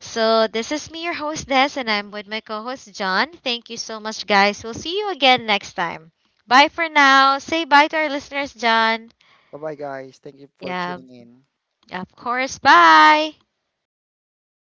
A: So, this is me, your host, Des, and I'm with my co host, John. Thank you so much, guys. We'll see you again next time. Bye for now. Say bye to our listeners, John.
B: bye bye guys. Thank you for
A: Yeah,
B: tuning in.
A: of course. Bye.